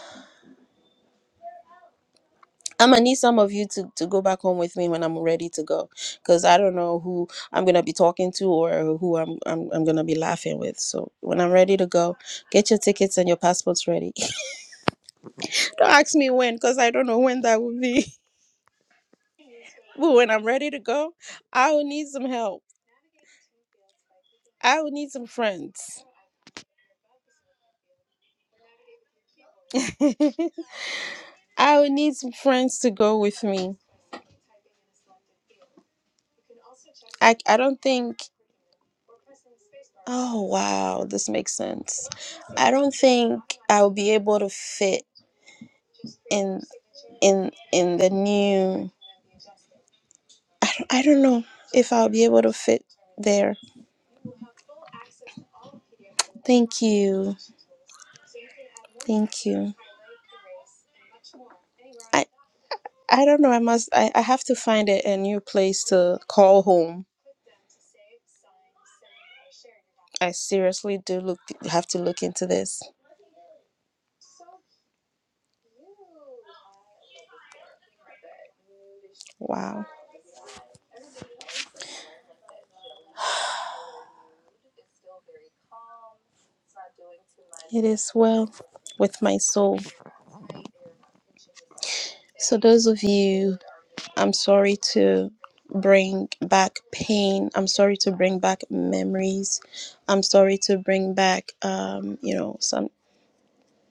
[SPEAKER 1] I'm gonna need some of you to, to go back home with me when I'm ready to go, because I don't know who I'm gonna be talking to or who I'm, I'm I'm gonna be laughing with. So when I'm ready to go, get your tickets and your passports ready. don't ask me when, because I don't know when that will be. But when I'm ready to go, I will need some help. I will need some friends. I will need some friends to go with me. I I don't think. Oh wow, this makes sense. I don't think I'll be able to fit in in in the new I don't, I don't know if I'll be able to fit there. Thank you. Thank you. I I don't know. I must I, I have to find a, a new place to call home. I seriously do look have to look into this. Wow. It is well with my soul. So those of you I'm sorry to bring back pain. I'm sorry to bring back memories. I'm sorry to bring back, um, you know, some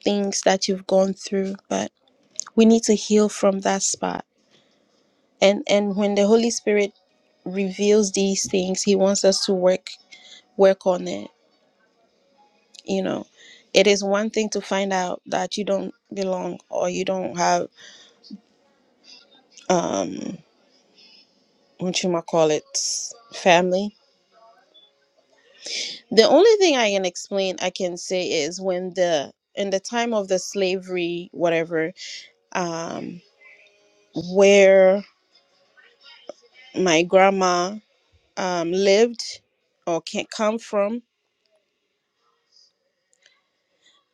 [SPEAKER 1] things that you've gone through. But we need to heal from that spot. And and when the Holy Spirit reveals these things, He wants us to work work on it. You know, it is one thing to find out that you don't belong or you don't have um what you might call it family the only thing i can explain i can say is when the in the time of the slavery whatever um where my grandma um lived or can come from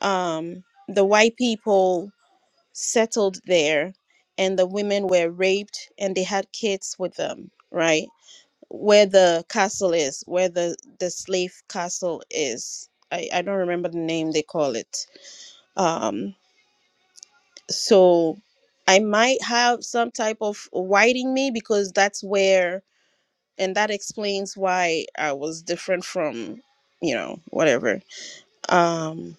[SPEAKER 1] um the white people settled there and the women were raped and they had kids with them right where the castle is where the the slave castle is i i don't remember the name they call it um so i might have some type of whiting me because that's where and that explains why i was different from you know whatever um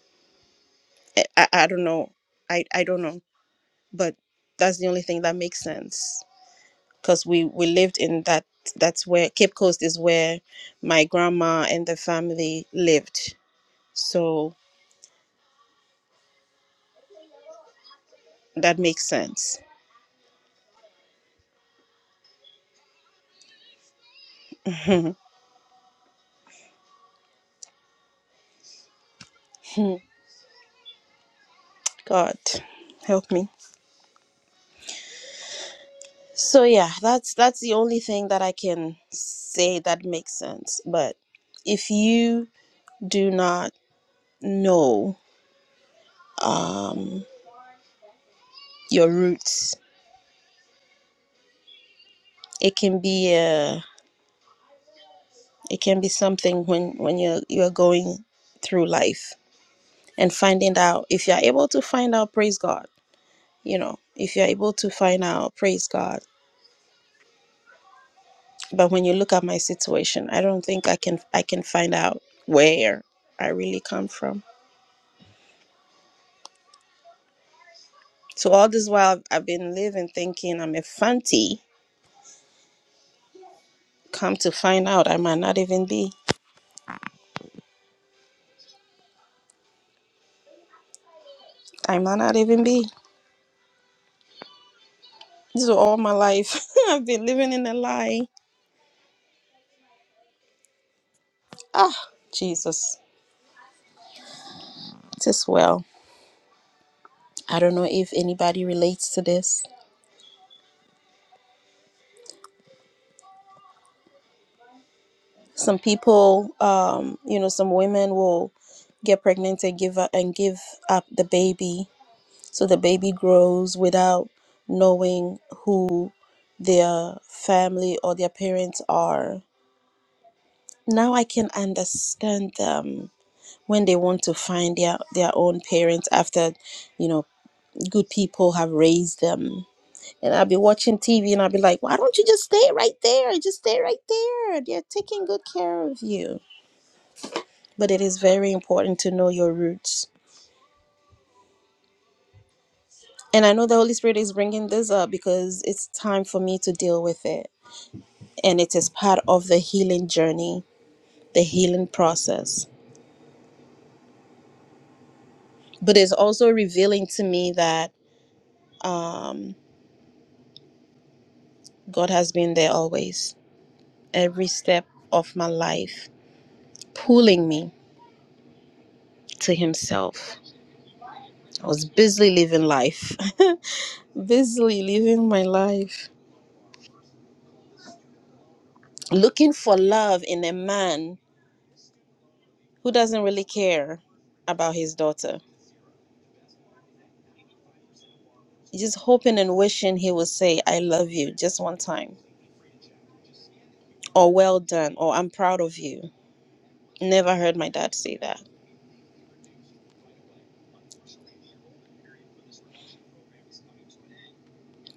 [SPEAKER 1] i, I I don't know I, I don't know but that's the only thing that makes sense because we we lived in that that's where cape coast is where my grandma and the family lived so that makes sense god help me So yeah, that's that's the only thing that I can say that makes sense. But if you do not know um, your roots, it can be a it can be something when when you're you're going through life and finding out. If you're able to find out, praise God. You know, if you're able to find out, praise God. But when you look at my situation, I don't think I can I can find out where I really come from So all this while I've I've been living thinking I'm a fanti. Come to find out I might not even be. I might not even be. This is all my life. I've been living in a lie. Ah, Jesus. It is well. I don't know if anybody relates to this. Some people, um, you know, some women will get pregnant and give up and give up the baby. So the baby grows without knowing who their family or their parents are now I can understand um, when they want to find their their own parents after, you know, good people have raised them. And I'll be watching TV and I'll be like, why don't you just stay right there? Just stay right there. They're taking good care of you. But it is very important to know your roots. And I know the Holy Spirit is bringing this up because it's time for me to deal with it. And it is part of the healing journey, the healing process. But it's also revealing to me that um, God has been there always, every step of my life, pulling me to Himself. I was busily living life, busily living my life, looking for love in a man who doesn't really care about his daughter. Just hoping and wishing he would say, I love you just one time, or well done, or I'm proud of you. Never heard my dad say that.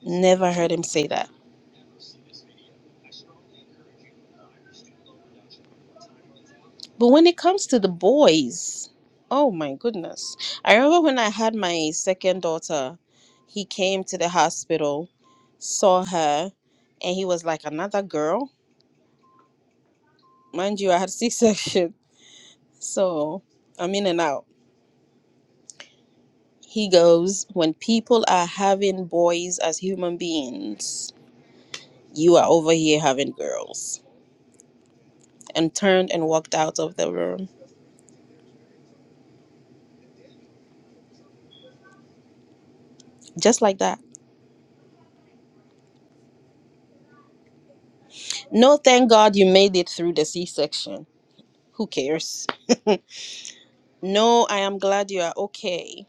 [SPEAKER 1] Never heard him say that But when it comes to the boys, oh my goodness. I remember when I had my second daughter, he came to the hospital, saw her, and he was like, Another girl? Mind you, I had C section. So I'm in and out. He goes, When people are having boys as human beings, you are over here having girls. And turned and walked out of the room. Just like that. No, thank God you made it through the C section. Who cares? No, I am glad you are okay.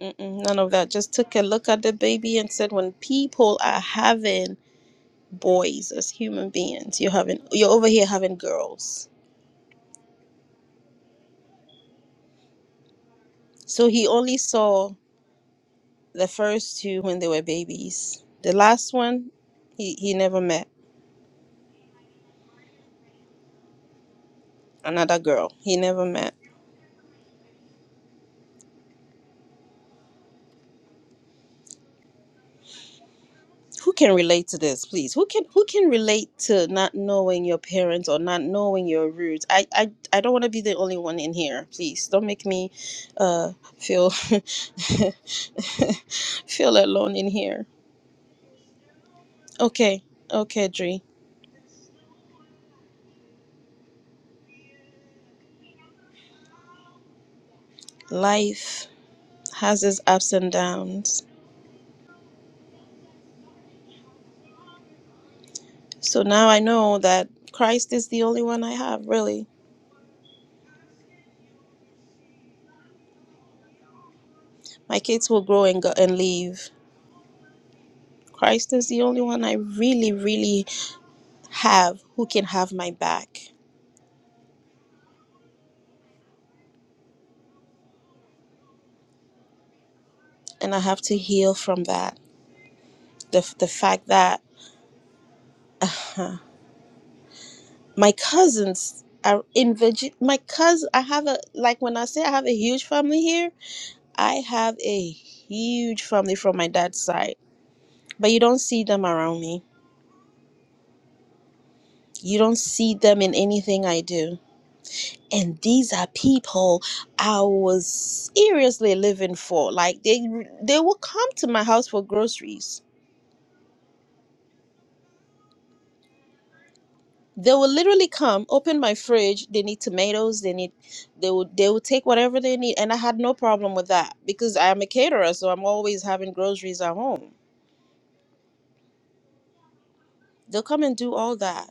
[SPEAKER 1] Mm-mm, none of that. Just took a look at the baby and said, when people are having boys as human beings, you're having you're over here having girls. So he only saw the first two when they were babies. The last one, he he never met another girl. He never met. who can relate to this please who can who can relate to not knowing your parents or not knowing your roots i i, I don't want to be the only one in here please don't make me uh feel feel alone in here okay okay Dre. life has its ups and downs so now i know that christ is the only one i have really my kids will grow and go and leave christ is the only one i really really have who can have my back and I have to heal from that. The the fact that uh, my cousins are in Virginia. My cousin, I have a like when I say I have a huge family here, I have a huge family from my dad's side, but you don't see them around me. You don't see them in anything I do. And these are people I was seriously living for. Like they they will come to my house for groceries they will literally come open my fridge they need tomatoes they need they will they will take whatever they need and i had no problem with that because i am a caterer so i'm always having groceries at home they'll come and do all that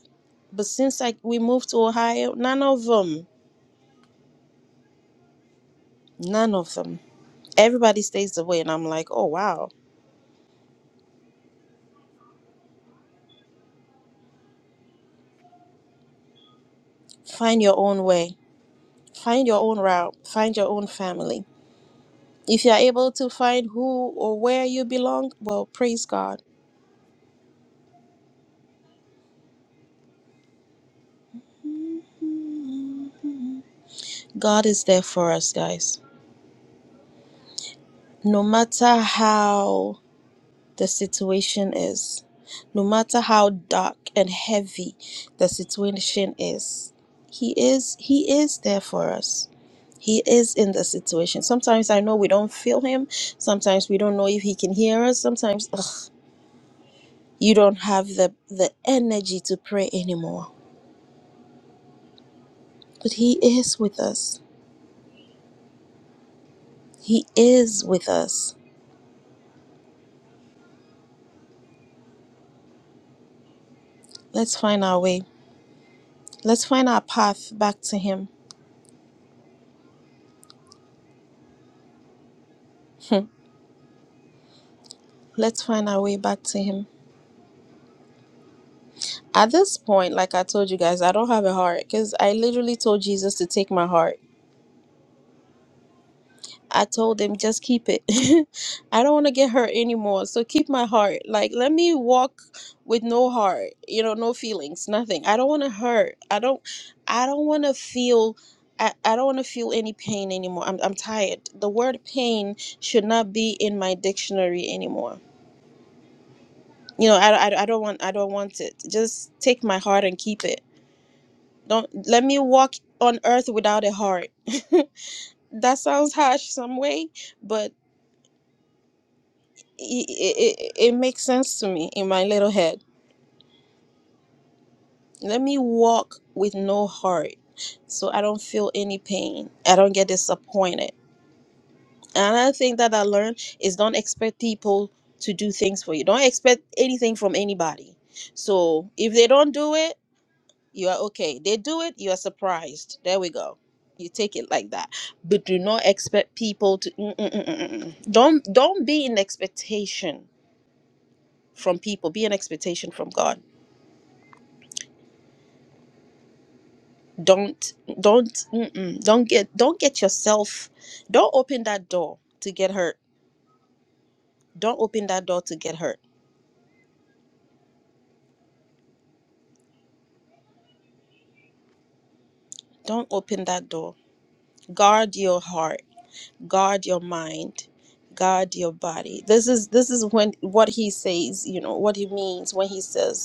[SPEAKER 1] but since like we moved to ohio none of them none of them everybody stays away and i'm like oh wow find your own way find your own route find your own family if you're able to find who or where you belong well praise god God is there for us, guys. No matter how the situation is, no matter how dark and heavy the situation is, He is He is there for us. He is in the situation. Sometimes I know we don't feel Him. Sometimes we don't know if He can hear us. Sometimes ugh, you don't have the the energy to pray anymore. But He is with us. He is with us. Let's find our way. Let's find our path back to Him. Let's find our way back to him. At this point, like I told you guys, I don't have a heart because I literally told Jesus to take my heart. I told him, just keep it. I don't want to get hurt anymore. So keep my heart. Like, let me walk with no heart, you know, no feelings, nothing. I don't want to hurt. I don't, I don't want to feel. I, I don't want to feel any pain anymore. I'm, I'm tired. The word pain should not be in my dictionary anymore you know I, I, I don't want i don't want it just take my heart and keep it Don't let me walk on earth without a heart. that sounds harsh some way, but it, it, it makes sense to me in my little head. Let me walk with no heart so I don't feel any pain. I don't get disappointed. Another thing that I learned is don't expect people to do things for you. Don't expect anything from anybody. So if they don't do it, you are okay. They do it, you are surprised. There we go. You take it like that, but do not expect people to. mm, mm, mm, mm, mm, mm. Don't don't be in expectation from people. Be in expectation from God. Don't don't mm, mm. don't get don't get yourself. Don't open that door to get hurt. Don't open that door to get hurt. Don't open that door. Guard your heart. Guard your mind. Guard your body. This is this is when what he says. You know what he means when he says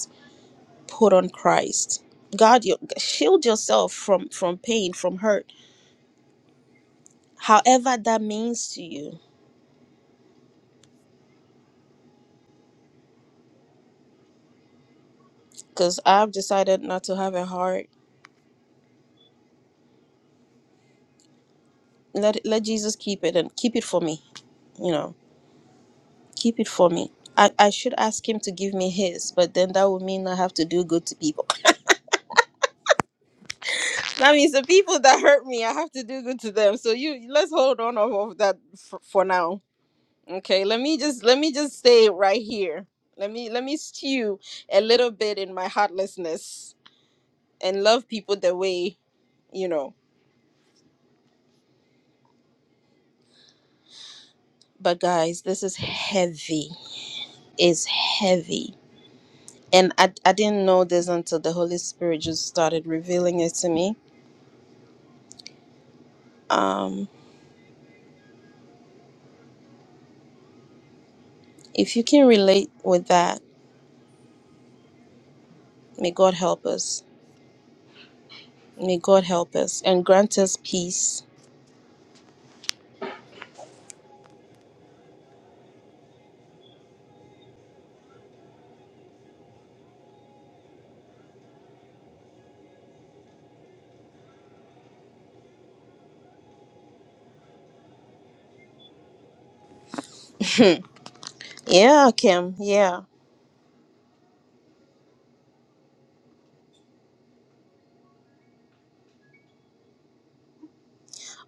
[SPEAKER 1] put on Christ. God, you shield yourself from from pain, from hurt, however that means to you. Because I've decided not to have a heart. Let let Jesus keep it and keep it for me. You know, keep it for me. I, I should ask him to give me his, but then that would mean I have to do good to people. That means the people that hurt me, I have to do good to them. So you let's hold on off of that for, for now. Okay, let me just let me just stay right here. Let me let me stew a little bit in my heartlessness and love people the way you know but guys this is heavy it's heavy and I, I didn't know this until the holy spirit just started revealing it to me um if you can relate with that may god help us may god help us and grant us peace yeah kim yeah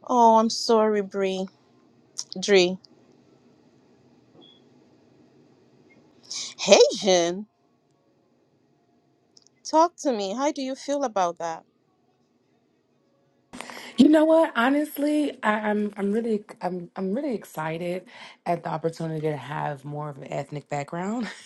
[SPEAKER 1] oh i'm sorry Bree. Dree. hey jen talk to me how do you feel about that
[SPEAKER 3] You know what? Honestly, I, I'm I'm really I'm I'm really excited at the opportunity to have more of an ethnic background.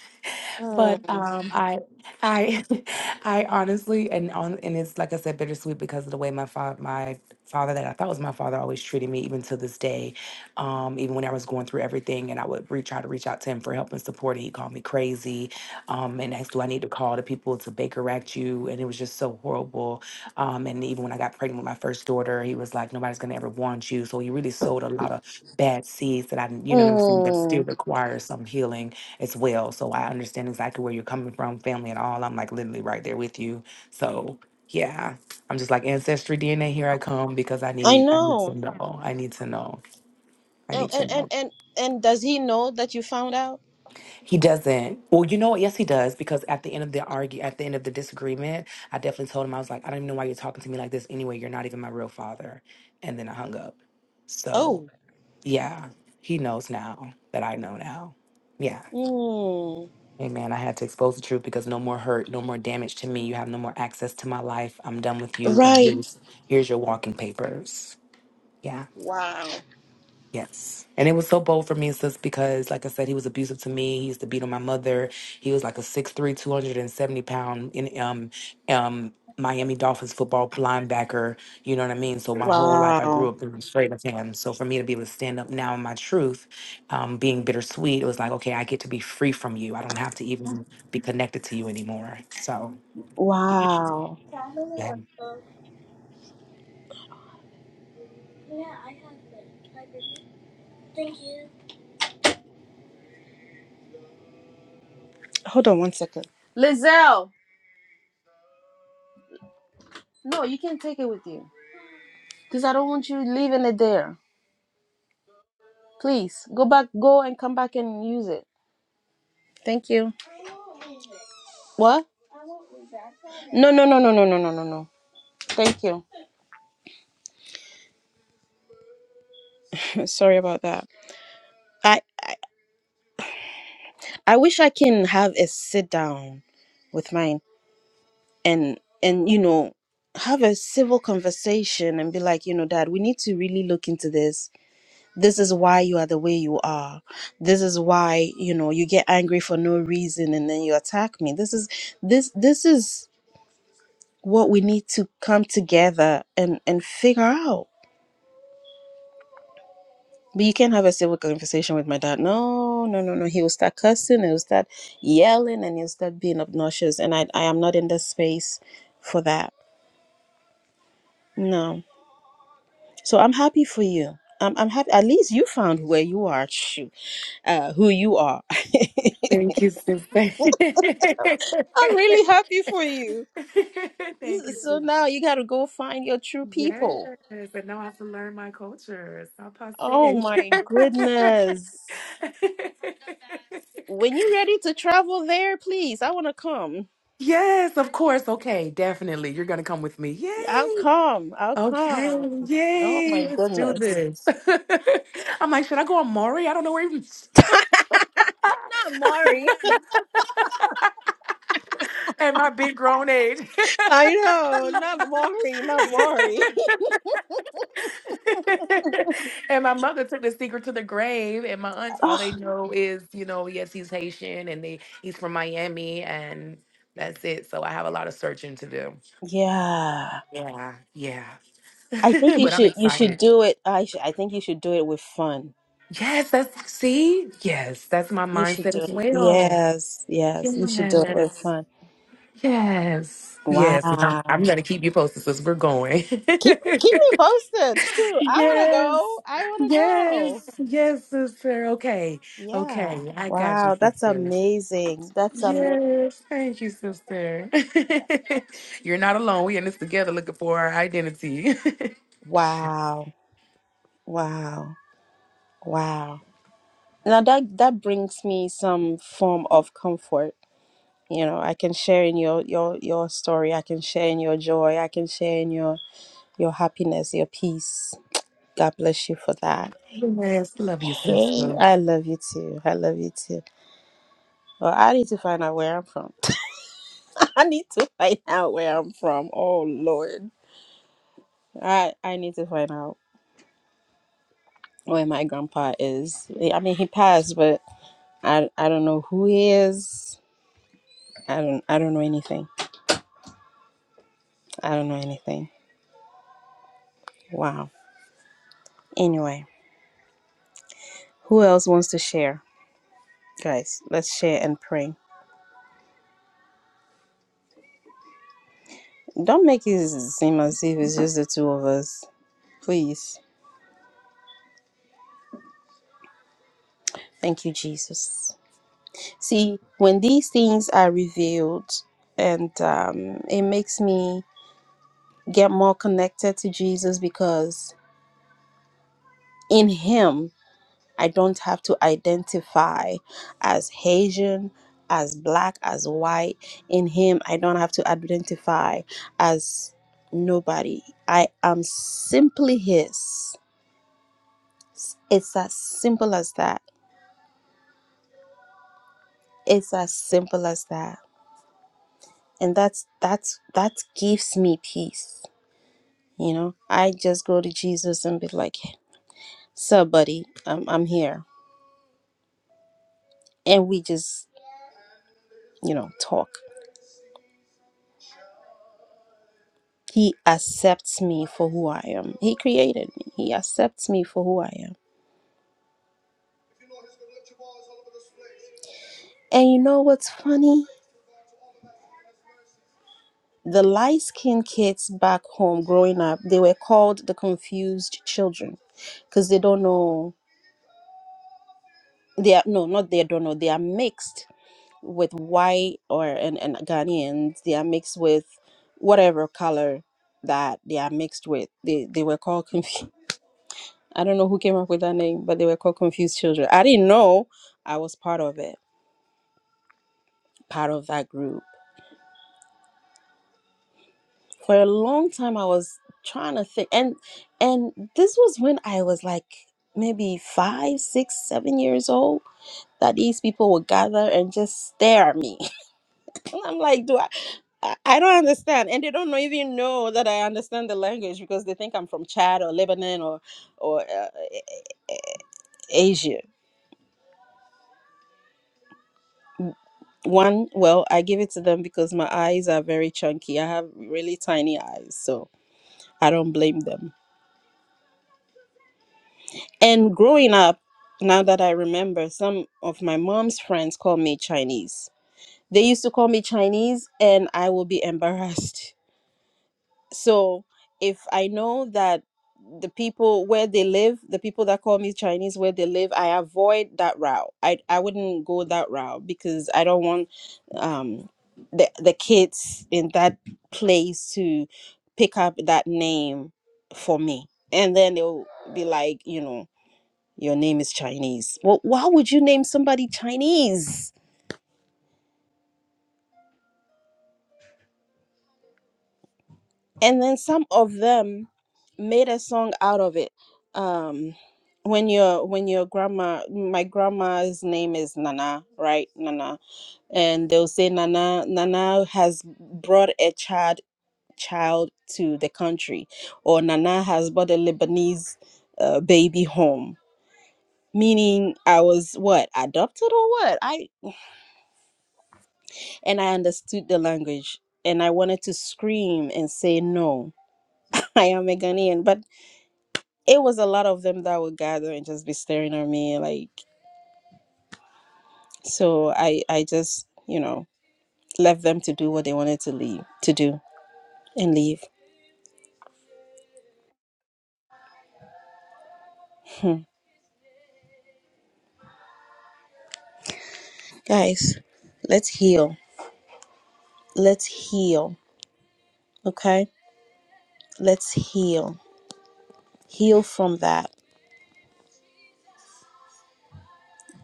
[SPEAKER 3] But
[SPEAKER 1] Hmm.
[SPEAKER 3] um, I I I honestly and on and it's like I said bittersweet because of the way my father my father that I thought was my father always treated me even to this day. Um, even when I was going through everything and I would re- try to reach out to him for help and support, he called me crazy um, and asked, "Do I need to call the people to Baker Act you?" And it was just so horrible um, and even when I got pregnant with my first daughter, he was like, nobody's going to ever want you. So he really sowed a lot of bad seeds that I, didn't- you know what I'm saying, that still requires some healing as well. So I understand exactly where you're coming from, family and all. I'm like literally right there with you. So yeah, I'm just like ancestry DNA, here I come because I
[SPEAKER 1] i
[SPEAKER 3] need, I need
[SPEAKER 1] know
[SPEAKER 3] to know. I need to know. I
[SPEAKER 1] Oh,
[SPEAKER 3] need to
[SPEAKER 1] and
[SPEAKER 3] know.
[SPEAKER 1] and and and does he know that you found out?
[SPEAKER 3] He doesn't. Well, you know what? Yes, he does. Because at the end of the argue, at the end of the disagreement, I definitely told him I was like, I don't even know why you're talking to me like this. Anyway, you're not even my real father. And then I hung up. So
[SPEAKER 1] Oh,
[SPEAKER 3] yeah, he knows now that I know now. Yeah.
[SPEAKER 1] mm,
[SPEAKER 3] Amen. I had to expose the truth because no more hurt, no more damage to me. You have no more access to my life. I'm done with you. And
[SPEAKER 1] right.
[SPEAKER 3] here's here's your walking papers. Yeah. Yes. And it was so bold for me, sis, because like I said, he was abusive to me. He used to beat on my mother. He was like a six-three, two hundred and seventy pound in um um Miami Dolphins football linebacker. You know what I mean? So my whole life I grew up being afraid of him. So for me to be able to stand up now in my truth, um, being bittersweet, it was like, okay, I get to be free from you. I don't have to even be connected to you anymore. So
[SPEAKER 1] Wow.
[SPEAKER 3] yeah.
[SPEAKER 1] Hold on one second. Lizelle, no, you can not take it with you because I don't want you leaving it there. Please go back, go and come back and use it. Thank you. What? No, no, no, no, no, no, no, no, no. Thank you. Sorry about that. I I wish I can have a sit down with my and and you know have a civil conversation and be like you know dad we need to really look into this this is why you are the way you are this is why you know you get angry for no reason and then you attack me this is this this is what we need to come together and and figure out but you can't have a civil conversation with my dad no no no no he will start cussing he'll start yelling and he'll start being obnoxious and i i am not in this space for that no So I'm happy for you. I'm, I'm happy. At least you found where you are, shoot, uh, who you are.
[SPEAKER 3] Thank you, sis.
[SPEAKER 1] I'm really happy for you.
[SPEAKER 3] Thank you,
[SPEAKER 1] So
[SPEAKER 3] sis.
[SPEAKER 1] now you got to go find your true
[SPEAKER 3] Yes,
[SPEAKER 1] people.
[SPEAKER 3] and now I have to learn my culture. Stop
[SPEAKER 1] Oh
[SPEAKER 3] passé.
[SPEAKER 1] my goodness. When you ready to travel there, please, I want to come.
[SPEAKER 3] yes, of course. Okay, definitely. You're gonna come with me.
[SPEAKER 1] I'll
[SPEAKER 3] Yay! Okay,
[SPEAKER 1] come.
[SPEAKER 3] yay! Let's do this. I'm like, should I go on Maury? I don't know where even. At my big grown age.
[SPEAKER 1] I know, not Maury, not Maury.
[SPEAKER 3] and my mother took the secret to the grave and my aunts
[SPEAKER 1] Oh,
[SPEAKER 3] all they know is you know yes he's haitian and they he's from miami and that's it so i have a lot of searching to do
[SPEAKER 1] yeah.
[SPEAKER 3] yeah yeah
[SPEAKER 1] I think you
[SPEAKER 3] but i'm
[SPEAKER 1] should you should
[SPEAKER 3] excited
[SPEAKER 1] do it. I should, I think you should do it with fun.
[SPEAKER 3] yes that's see yes that's my
[SPEAKER 1] You should
[SPEAKER 3] mindset
[SPEAKER 1] do
[SPEAKER 3] as
[SPEAKER 1] it.
[SPEAKER 3] well
[SPEAKER 1] Yes, yes, you should do it with
[SPEAKER 3] yes
[SPEAKER 1] fun.
[SPEAKER 3] yes yes I-
[SPEAKER 1] Wow.
[SPEAKER 3] i'm gonna keep you posted since we're going
[SPEAKER 1] Keep keep me posted. Shoot, I want to go.
[SPEAKER 3] Yes,
[SPEAKER 1] I want to go.
[SPEAKER 3] yes, yes, sister. Okay,
[SPEAKER 1] Yeah.
[SPEAKER 3] okay, I got you,
[SPEAKER 1] Wow, that's
[SPEAKER 3] sister.
[SPEAKER 1] amazing. That's amazing.
[SPEAKER 3] Yes, thank you, sister. You're not alone. we in this together looking for our identity.
[SPEAKER 1] Wow. Wow. Wow. Now that that brings me some form of comfort. You know, I can share in your your your story. I can share in your joy. I can share in your your happiness, your peace. God bless you for that.
[SPEAKER 3] yes, love you,
[SPEAKER 1] Hey,
[SPEAKER 3] sister.
[SPEAKER 1] I love you too. I love you too. Well, I need to find out where I'm from. I need to find out where I'm from. Oh Lord. I I need to find out where my grandpa is. I mean, he passed, but I I don't know who he is. I don't I don't know anything. I don't know anything. Wow. Anyway, who else wants to share? Guys, let's share and pray. Don't make it seem as if it's just the two of us. Please. Thank you, Jesus. See, when these things are revealed, and um, it makes me get more connected to Jesus because in Him I don't have to identify as Haitian, as black, as white. In Him, I don't have to identify as nobody. I am simply His. It's as simple as that. It's as simple as that. And that's that's that gives me peace. You know, I just go to Jesus and be like, "Hey, "Sup, buddy? I'm I'm here," and we just you know talk He accepts me for who I am. He created me. He accepts me for who I am. And you know what's funny? The light skinned kids back home growing up, they were called the confused children because they don't know. They are, no, not they don't know. They are mixed with white or and, and Ghanaians. They are mixed with whatever color that they are mixed with. They, they were called confused. I don't know who came up with that name, but they were called Confused Children. I didn't know I was part of it, part of that group. For a long time I was trying to think and and this was when I was like maybe five, six, seven years old that these people would gather and just stare at me. I'm like, do I I I don't understand, and they don't know- even know that I understand the language because they think I'm from Chad or Lebanon or or uh, Asia. One, well, I give it to them because my eyes are very chunky. I have really tiny eyes, so I don't blame them. And growing up, now that I remember, some of my mom's friends call me Chinese. They used to call me Chinese, and I will be embarrassed So if I know that the people where they live, the people that call me Chinese where they live, I avoid that route. I I wouldn't go that route because I don't want um the the kids in that place to pick up that name for me. And then they'll be like, you know, your name is Chinese. Well, why would you name somebody Chinese? and then some of them made a song out of it um when your when your grandma my grandma's name is nana right nana and they'll say nana nana has brought a child child to the country or nana has brought a lebanese uh, baby home meaning i was what adopted or what i and i understood the language and i wanted to scream and say no i am a ghanaian but it was a lot of them that would gather and just be staring at me like so i i just you know left them to do what they wanted to leave to do and leave Hmm. guys let's heal let's heal okay let's heal heal from that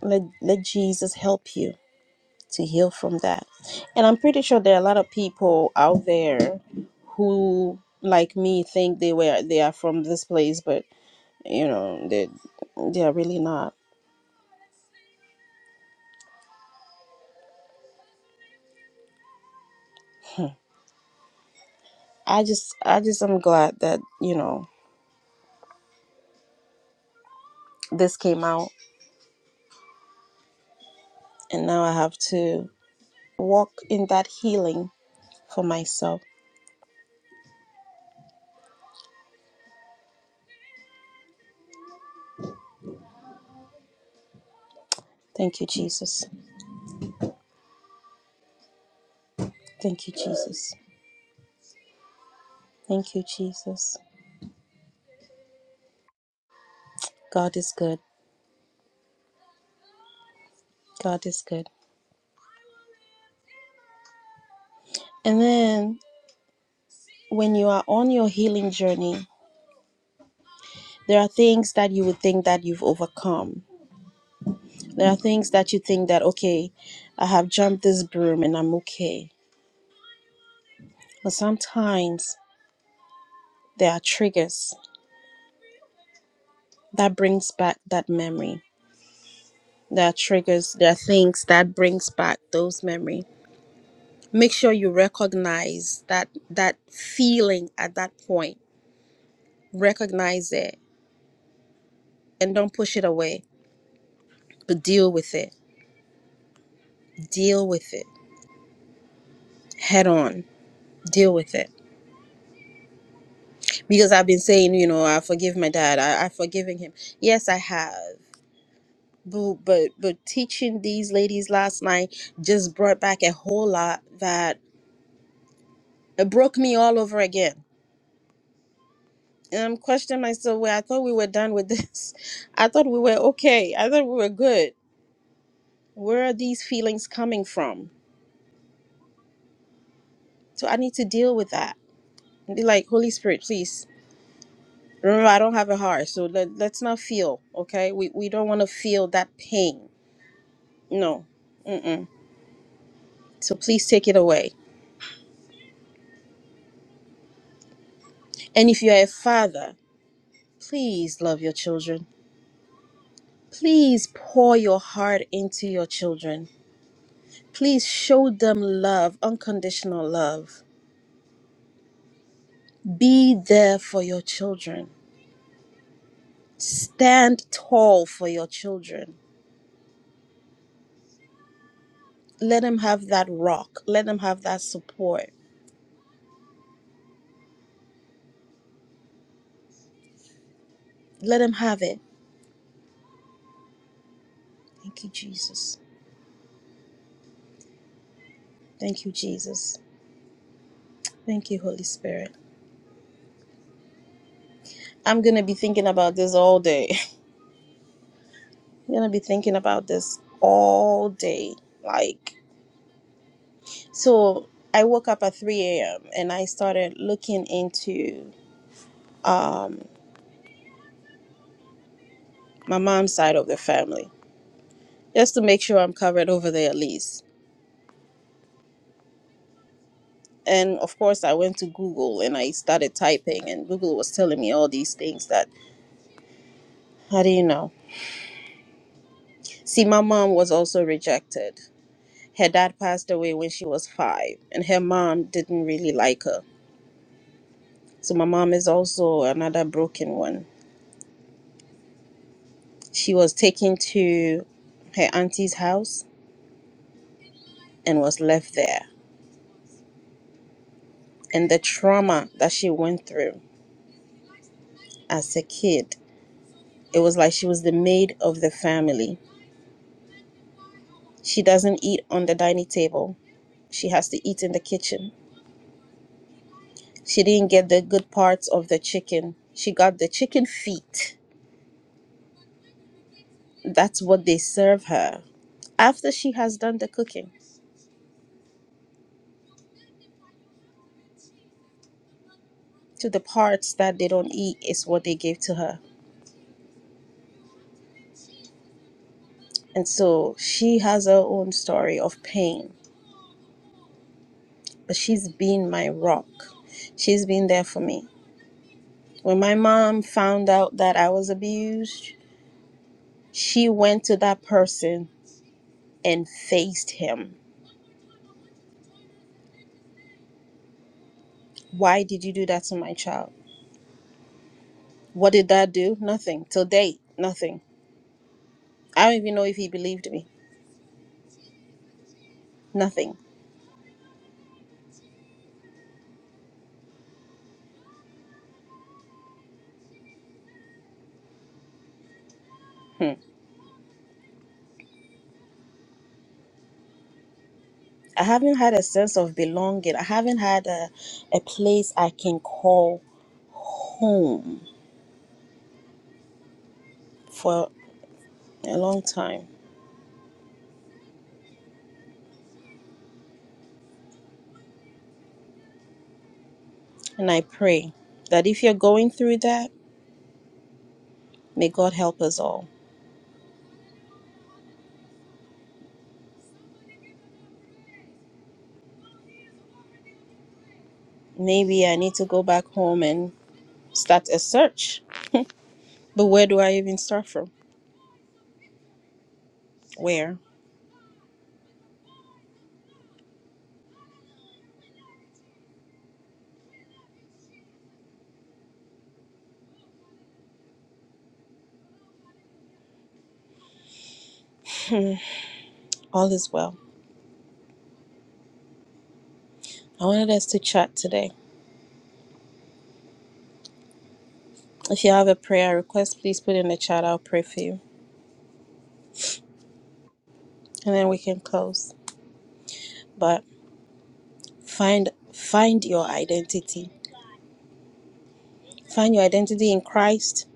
[SPEAKER 1] let let jesus help you to heal from that and i'm pretty sure there are a lot of people out there who like me think they were they are from this place but you know they they are really not I just I just am glad that, you know, this came out and now I have to walk in that healing for myself. Thank you, Jesus. Thank you, Jesus. Thank you, Jesus. God is good. God is good. And then when you are on your healing journey, there are things that you would think that you've overcome. There are things that you think that okay, I have jumped this broom and I'm okay. But sometimes there are triggers that brings back that memory that triggers There are things that brings back those memory make sure you recognize that that feeling at that point recognize it and don't push it away but deal with it deal with it head on deal with it because i've been saying you know i forgive my dad I, i've forgiven him yes i have but, but but teaching these ladies last night just brought back a whole lot that it broke me all over again um question myself well i thought we were done with this i thought we were okay i thought we were good where are these feelings coming from so i need to deal with that And be like holy spirit please remember i don't have a heart so let, let's not feel okay we, we don't want to feel that pain no Mm-mm. so please take it away and if you're a father please love your children please pour your heart into your children please show them love unconditional love Be there for your children. Stand tall for your children. Let them have that rock. Let them have that support. Let them have it. Thank you, Jesus. Thank you, Jesus. Thank you, Holy Spirit. I'm going to be thinking about this all day. I'm going to be thinking about this all day. Like, so I woke up at 3 a.m. and I started looking into um, my mom's side of the family just to make sure I'm covered over there at least And of course, I went to Google and I started typing, and Google was telling me all these things that how do you know? See, my mom was also rejected. Her dad passed away when she was five, and her mom didn't really like her. So, my mom is also another broken one. She was taken to her auntie's house and was left there. And the trauma that she went through as a kid, it was like she was the maid of the family. She doesn't eat on the dining table, she has to eat in the kitchen She didn't get the good parts of the chicken. She got the chicken feet. That's what they serve her. After she has done the cooking, to the parts that they don't eat is what they gave to her. And so she has her own story of pain, but she's been my rock. She's been there for me. When my mom found out that I was abused, she went to that person and faced him. Why did you do that to my child? What did that do? Nothing. Till date, nothing I don't even know if he believed me. Nothing. Hmm. I haven't had a sense of belonging. I haven't had a, a place I can call home for a long time. And I pray that if you're going through that, may God help us all. Maybe I need to go back home and start a search. But where do I even start from? Where? All is well. I wanted us to chat today. If you have a prayer request, please put it in the chat. I'll pray for you. And then we can close. But find find your identity find your identity in christ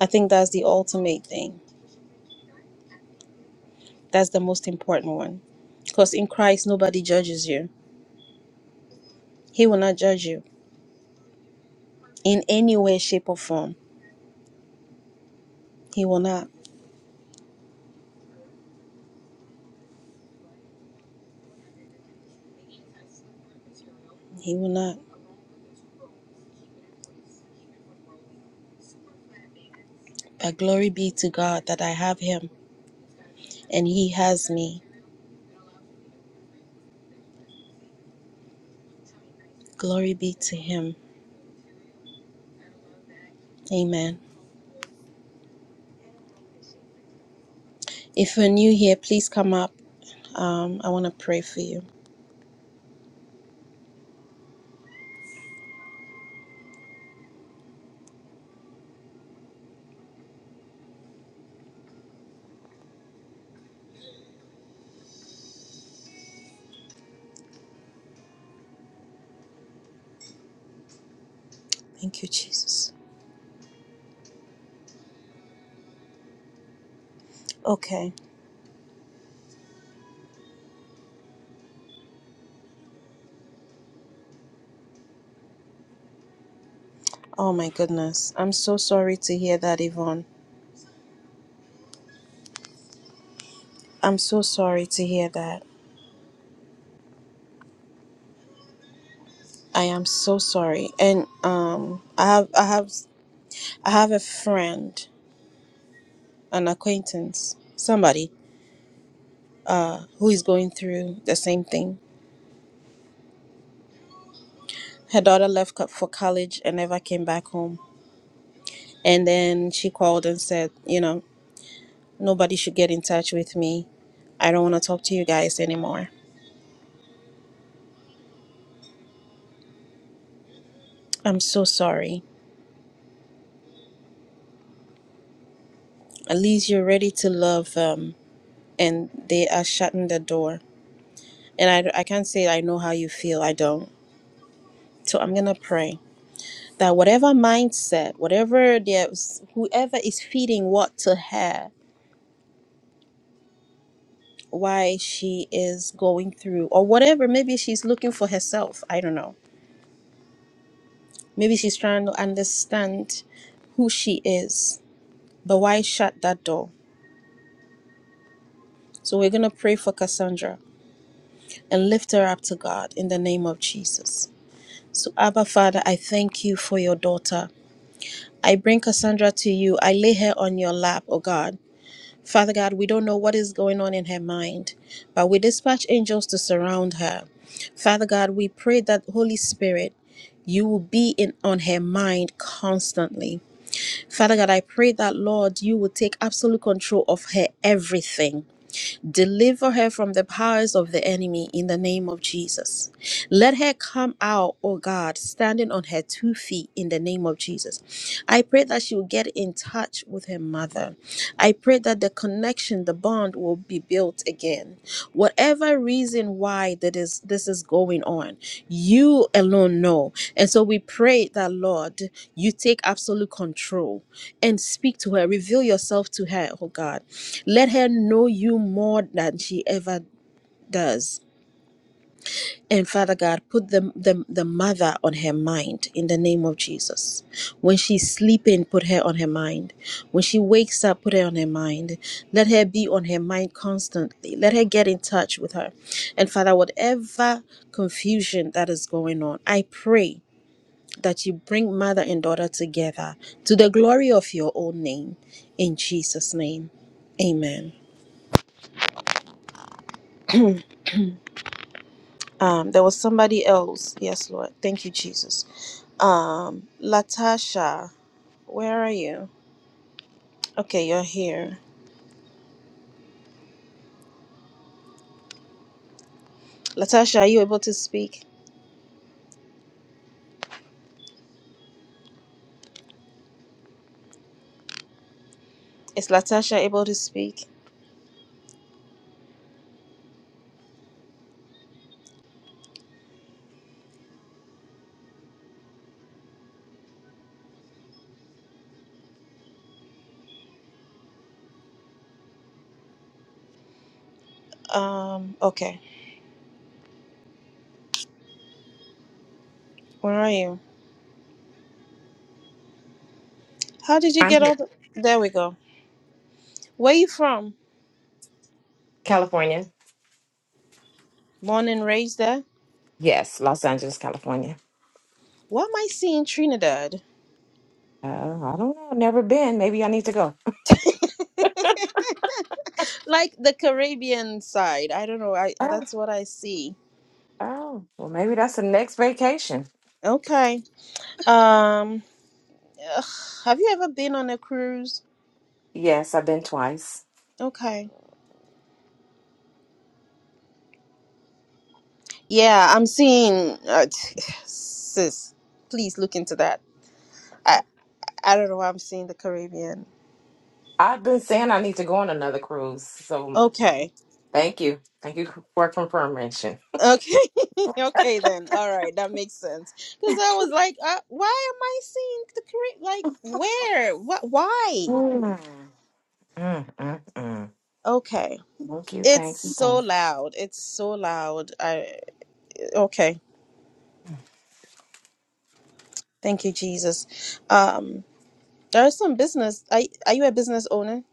[SPEAKER 1] i think that's the ultimate thing that's the most important one because in christ nobody judges you he will not judge you in any way shape or form he will not he will not but glory be to god that i have him and he has me glory be to him amen if you're new here please come up um, i want to pray for you thank you jesus okay oh my goodness i'm so sorry to hear that yvonne I'm so sorry to hear that. I am so sorry. And um I have I have I have a friend, an acquaintance, somebody who is going through the same thing. Her daughter left co- for college and never came back home. And then she called and said, you know, nobody should get in touch with me. I don't want to talk to you guys anymore. I'm so sorry. At least you're ready to love them and they are shutting the door. And I, I can't say I know how you feel. I don't. So I'm going to pray that whatever mindset, whatever there's whoever is feeding what to her, why she is going through, or whatever, maybe she's looking for herself. I don't know. Maybe she's trying to understand who she is. But why shut that door? So we're gonna pray for Cassandra and lift her up to God in the name of Jesus. So Abba Father, I thank you for your daughter. I bring Cassandra to you. I lay her on your lap, oh God. Father God, we don't know what is going on in her mind, but we dispatch angels to surround her. Father God, we pray that Holy Spirit, you will be in on her mind constantly. Father God, I pray that Lord, you will take absolute control of her everything. Deliver her from the powers of the enemy in the name of Jesus. Let her come out, oh God, standing on her two feet in the name of Jesus. I pray that she will get in touch with her mother. I pray that the connection, the bond will be built again. Whatever reason why that is this is going on, you alone know. And so we pray that Lord, you take absolute control and speak to her. Reveal yourself to her, oh God. Let her know you more than she ever does. And Father God, put the, the, the mother on her mind in the name of Jesus. When she's sleeping, put her on her mind. When she wakes up, put her on her mind. Let her be on her mind constantly. Let her get in touch with her. And Father, whatever confusion that is going on, I pray that you bring mother and daughter together to the glory of your own name. In Jesus' name, amen. Um, there was somebody else. Yes, Lord. Thank you, Jesus. Um, Latasha, where are you? Okay, you're here. Latasha, are you able to speak? Is Latasha able to speak? Um, okay. Where are you? How did you
[SPEAKER 4] I'm
[SPEAKER 1] get
[SPEAKER 4] here.
[SPEAKER 1] all the... There we go. Where you from?
[SPEAKER 4] California.
[SPEAKER 1] Born and raised there?
[SPEAKER 4] Yes, Los Angeles, California.
[SPEAKER 1] What am I seeing Trinidad?
[SPEAKER 4] Uh, I don't know. Never been. Maybe I need to go.
[SPEAKER 1] Like the Caribbean side. I don't know. I
[SPEAKER 4] Oh,
[SPEAKER 1] that's what I see.
[SPEAKER 4] oh, well, maybe that's the next vacation.
[SPEAKER 1] Okay. Um, ugh, have you ever been on a cruise?
[SPEAKER 4] Yes, I've been twice.
[SPEAKER 1] Okay. Yeah, I'm seeing, uh, t- sis. Please look into that. I I don't know why I'm seeing the Caribbean.
[SPEAKER 4] I've been saying I need to go on another cruise. So
[SPEAKER 1] Okay,
[SPEAKER 4] thank you. Thank you for confirmation.
[SPEAKER 1] okay, okay. Then all right, that makes sense. Because I was like, uh, why am I seeing the Caribbean? Like, where? What? Why?
[SPEAKER 4] Mm, mm, mm, mm.
[SPEAKER 1] Okay,
[SPEAKER 4] Thank you.
[SPEAKER 1] it's
[SPEAKER 4] Thank you. Thank
[SPEAKER 1] so
[SPEAKER 4] you.
[SPEAKER 1] loud. It's so loud. I okay. Thank you, Jesus. Um, there's some business. Are are you a business owner?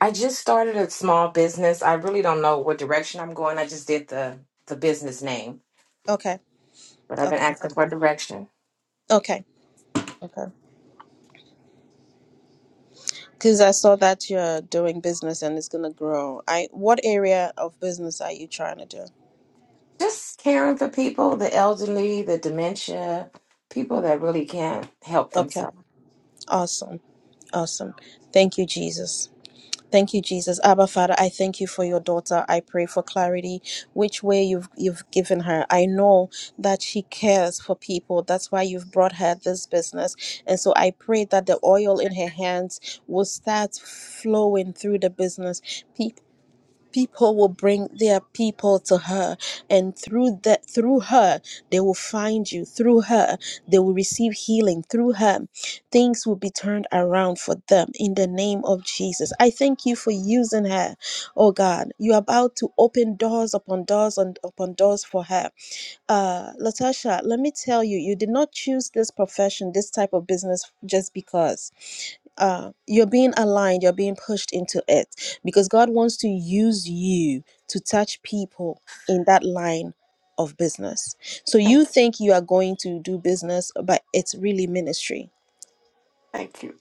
[SPEAKER 4] I just started a small business. I really don't know what direction I'm going. I just did the, the business name,
[SPEAKER 1] Okay,
[SPEAKER 4] but I've been
[SPEAKER 1] okay,
[SPEAKER 4] asking for direction.
[SPEAKER 1] okay, okay. Because I saw that you're doing business and it's gonna grow. I what area of business are you trying to do?
[SPEAKER 4] just caring for people, the elderly, the dementia, people that really can't help
[SPEAKER 1] Okay,
[SPEAKER 4] themselves.
[SPEAKER 1] awesome, awesome. Thank you, Jesus. Thank you, Jesus. Abba Father, I thank you for your daughter. I pray for clarity, which way you've you've given her. I know that she cares for people. That's why you've brought her this business. And so I pray that the oil in her hands will start flowing through the business. people will bring their people to her and through that through her they will find you through her they will receive healing through her things will be turned around for them in the name of jesus i thank you for using her oh god you're about to open doors upon doors and upon doors for her uh latasha let me tell you you did not choose this profession this type of business just because uh, you're being aligned, you're being pushed into it because God wants to use you to touch people in that line of business. So
[SPEAKER 4] Thank
[SPEAKER 1] you
[SPEAKER 4] you.
[SPEAKER 1] think you are going to do business, but it's really ministry.
[SPEAKER 4] thank you.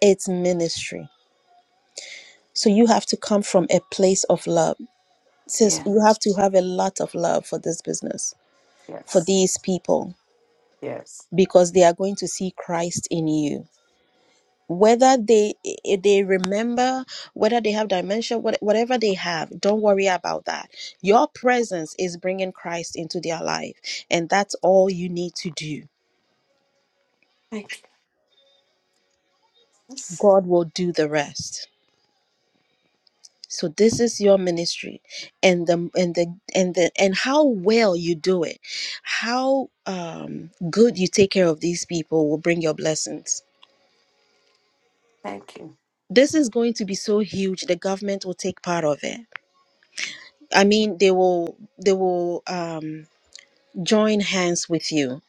[SPEAKER 1] It's ministry. So you have to come from a place of love. Sis,
[SPEAKER 4] Yeah,
[SPEAKER 1] you have to have a lot of love for this business, for
[SPEAKER 4] yes,
[SPEAKER 1] these people,
[SPEAKER 4] yes.
[SPEAKER 1] because they are going to see Christ in you whether they i- they remember whether they have dementia what, whatever they have don't worry about that your presence is bringing christ into their life and that's all you need to do
[SPEAKER 4] Thank you. Yes,
[SPEAKER 1] god will do the rest so this is your ministry and the and the and the and how well you do it how um good you take care of these people will bring your blessings
[SPEAKER 4] Thank you.
[SPEAKER 1] this is going to be so huge the government will take part of it i mean they will they will um join hands with you.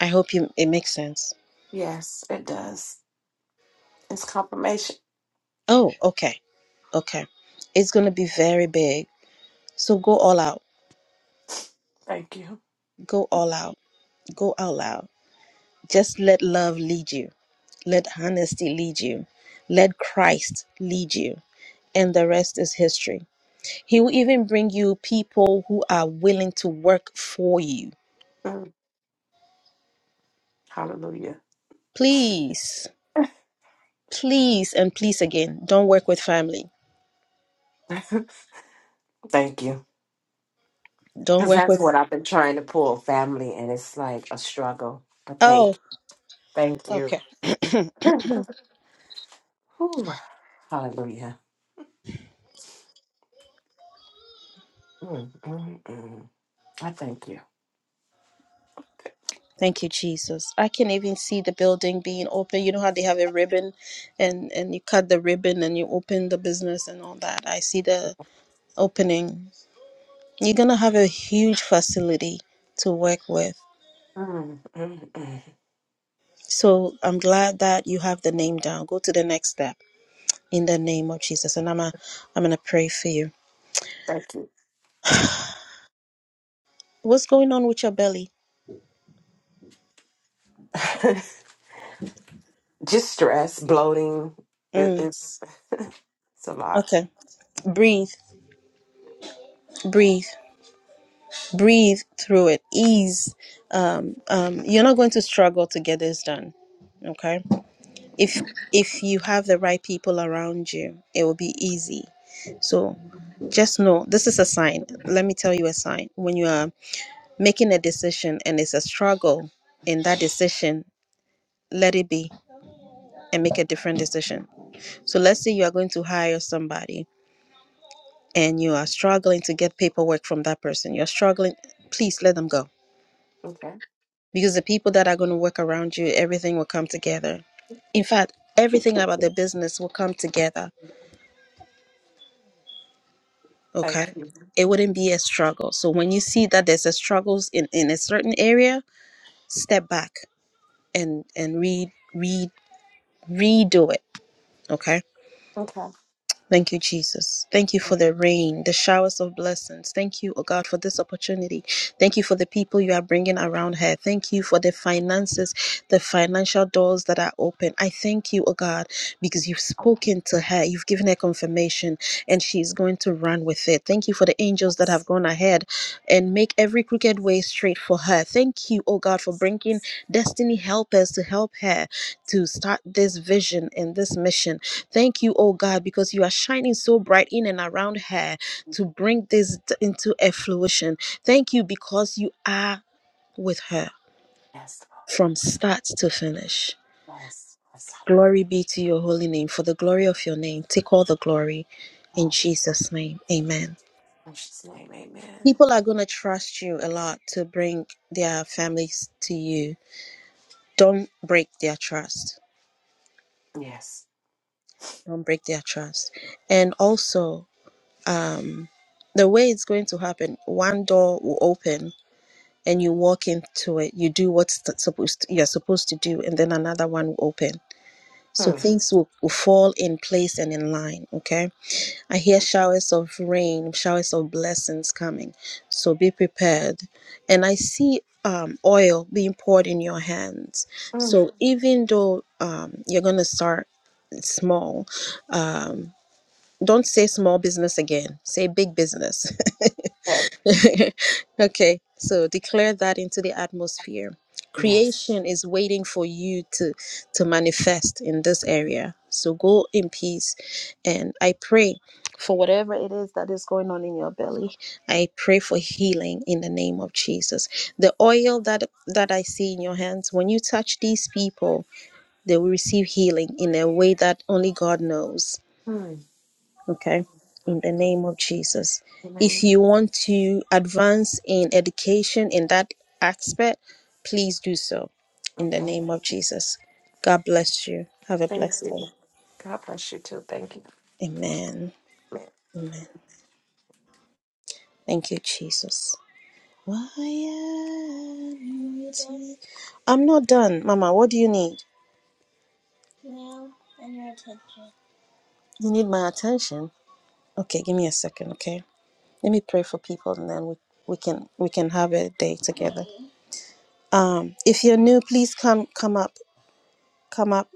[SPEAKER 1] I hope you, it makes sense.
[SPEAKER 4] Yes, it does. It's confirmation.
[SPEAKER 1] Oh, okay. Okay. It's going to be very big. So go all out.
[SPEAKER 4] Thank you.
[SPEAKER 1] Go all out. Go all out. loud. Just let love lead you. Let honesty lead you. Let Christ lead you. And the rest is history. He will even bring you people who are willing to work for you.
[SPEAKER 4] Mm, hallelujah.
[SPEAKER 1] Please, please, and please again, don't work with family.
[SPEAKER 4] Thank you.
[SPEAKER 1] Don't
[SPEAKER 4] Because
[SPEAKER 1] work
[SPEAKER 4] that's what
[SPEAKER 1] with.
[SPEAKER 4] I've been trying to pull family, and it's like a struggle. But
[SPEAKER 1] Oh,
[SPEAKER 4] thank you. Thank
[SPEAKER 1] okay.
[SPEAKER 4] you. Hallelujah. Mm, mm, mm. I thank you.
[SPEAKER 1] Thank you, Jesus. I can even see the building being open. You know how they have a ribbon and, and you cut the ribbon and you open the business and all that. I see the opening. You're going to have a huge facility to work with.
[SPEAKER 4] Mm, mm, mm.
[SPEAKER 1] So I'm glad that you have the name down. Go to the next step in the name of Jesus. And I'm a, I'm going to pray for you.
[SPEAKER 4] Thank you.
[SPEAKER 1] What's going on with your belly?
[SPEAKER 4] Just stress, bloating. It,
[SPEAKER 1] Mm,
[SPEAKER 4] it's it's a lot.
[SPEAKER 1] okay. Breathe, breathe, breathe through it. Ease. Um, um, you're not going to struggle to get this done. Okay if
[SPEAKER 4] Okay.
[SPEAKER 1] if you have the right people around you it will be easy so
[SPEAKER 4] Mhm.
[SPEAKER 1] just know this is a sign let me tell you a sign when you are making a decision and it's a struggle in that decision let it be and make a different decision so let's say you are going to hire somebody and you are struggling to get paperwork from that person you're struggling please let them go
[SPEAKER 4] Okay.
[SPEAKER 1] because the people that are going to work around you everything will come together in fact everything about the business will come together
[SPEAKER 4] Thank
[SPEAKER 1] okay
[SPEAKER 4] you.
[SPEAKER 1] it wouldn't be a struggle so when you see that there's a struggles in in a certain area step back and and read read redo it okay
[SPEAKER 4] Okay.
[SPEAKER 1] Thank you, Jesus. Thank you for the rain, the showers of blessings. Thank you, oh God, for this opportunity. Thank you for the people you are bringing around her. Thank you for the finances, the financial doors that are open. I thank you, oh God, because you've spoken to her, you've given her confirmation, and she's going to run with it. Thank you for the angels that have gone ahead and make every crooked way straight for her. Thank you, oh God, for bringing destiny helpers to help her to start this vision and this mission. Thank you, oh God, because you are shining so bright in and around her to bring this d- into a fruition. Thank you because you are with her
[SPEAKER 4] Yes.
[SPEAKER 1] from start to finish.
[SPEAKER 4] Lord. Yes. Yes.
[SPEAKER 1] Glory
[SPEAKER 4] Hallelujah.
[SPEAKER 1] be to your holy name. For the glory of your name, take all the glory in
[SPEAKER 4] Yes.
[SPEAKER 1] Jesus' name. Amen.
[SPEAKER 4] Precious name. Amen.
[SPEAKER 1] People are going to trust you a lot to bring their families to you. Don't break their trust.
[SPEAKER 4] Yes.
[SPEAKER 1] Don't break their trust. And also, um, the way it's going to happen, one door will open and you walk into it you do what's th- supposed to, you're supposed to do and then another one will open so
[SPEAKER 4] Hmm.
[SPEAKER 1] things will, will fall in place and in line okay i hear showers of rain showers of blessings coming so be prepared and i see um, oil being poured in your hands
[SPEAKER 4] mm.
[SPEAKER 1] so even though um, you're gonna start small um, don't say small business again say big business
[SPEAKER 4] Okay.
[SPEAKER 1] okay, so declare that into the atmosphere.
[SPEAKER 4] Yes.
[SPEAKER 1] Creation is waiting for you to to manifest in this area. So go in peace and I pray for whatever it is that is going on in your belly. I pray for healing in the name of Jesus. The oil that that I see in your hands when you touch these people, they will receive healing in a way that only God knows.
[SPEAKER 4] Hmm. Mm,
[SPEAKER 1] Okay,
[SPEAKER 4] mm,
[SPEAKER 1] in the
[SPEAKER 4] mm.
[SPEAKER 1] name of Jesus. If you want to advance in education in that aspect, please do so in the
[SPEAKER 4] Okay.
[SPEAKER 1] name of Jesus. God bless you. Have a
[SPEAKER 4] Thank
[SPEAKER 1] blessed
[SPEAKER 4] you.
[SPEAKER 1] day.
[SPEAKER 4] God bless you too. Thank
[SPEAKER 1] Amen.
[SPEAKER 4] you.
[SPEAKER 1] Amen. Thank you, Jesus. I'm not done, Mama. What do you need? You need my attention. Okay, give me a second. Okay, let me pray for people, and then we, we can we can have a day together. Um, if you're new, please come come up. Come up.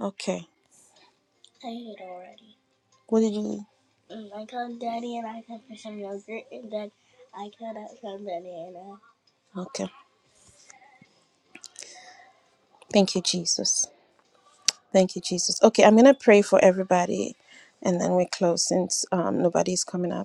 [SPEAKER 1] Okay. I I I I ate already. Mm. Mm, I called Daddy and and cut for some some yogurt and then I cut out some banana. Okay. Thank you, Jesus. Thank you, Jesus. Okay, I'm gonna pray for everybody, and then we close since um, nobody's coming up.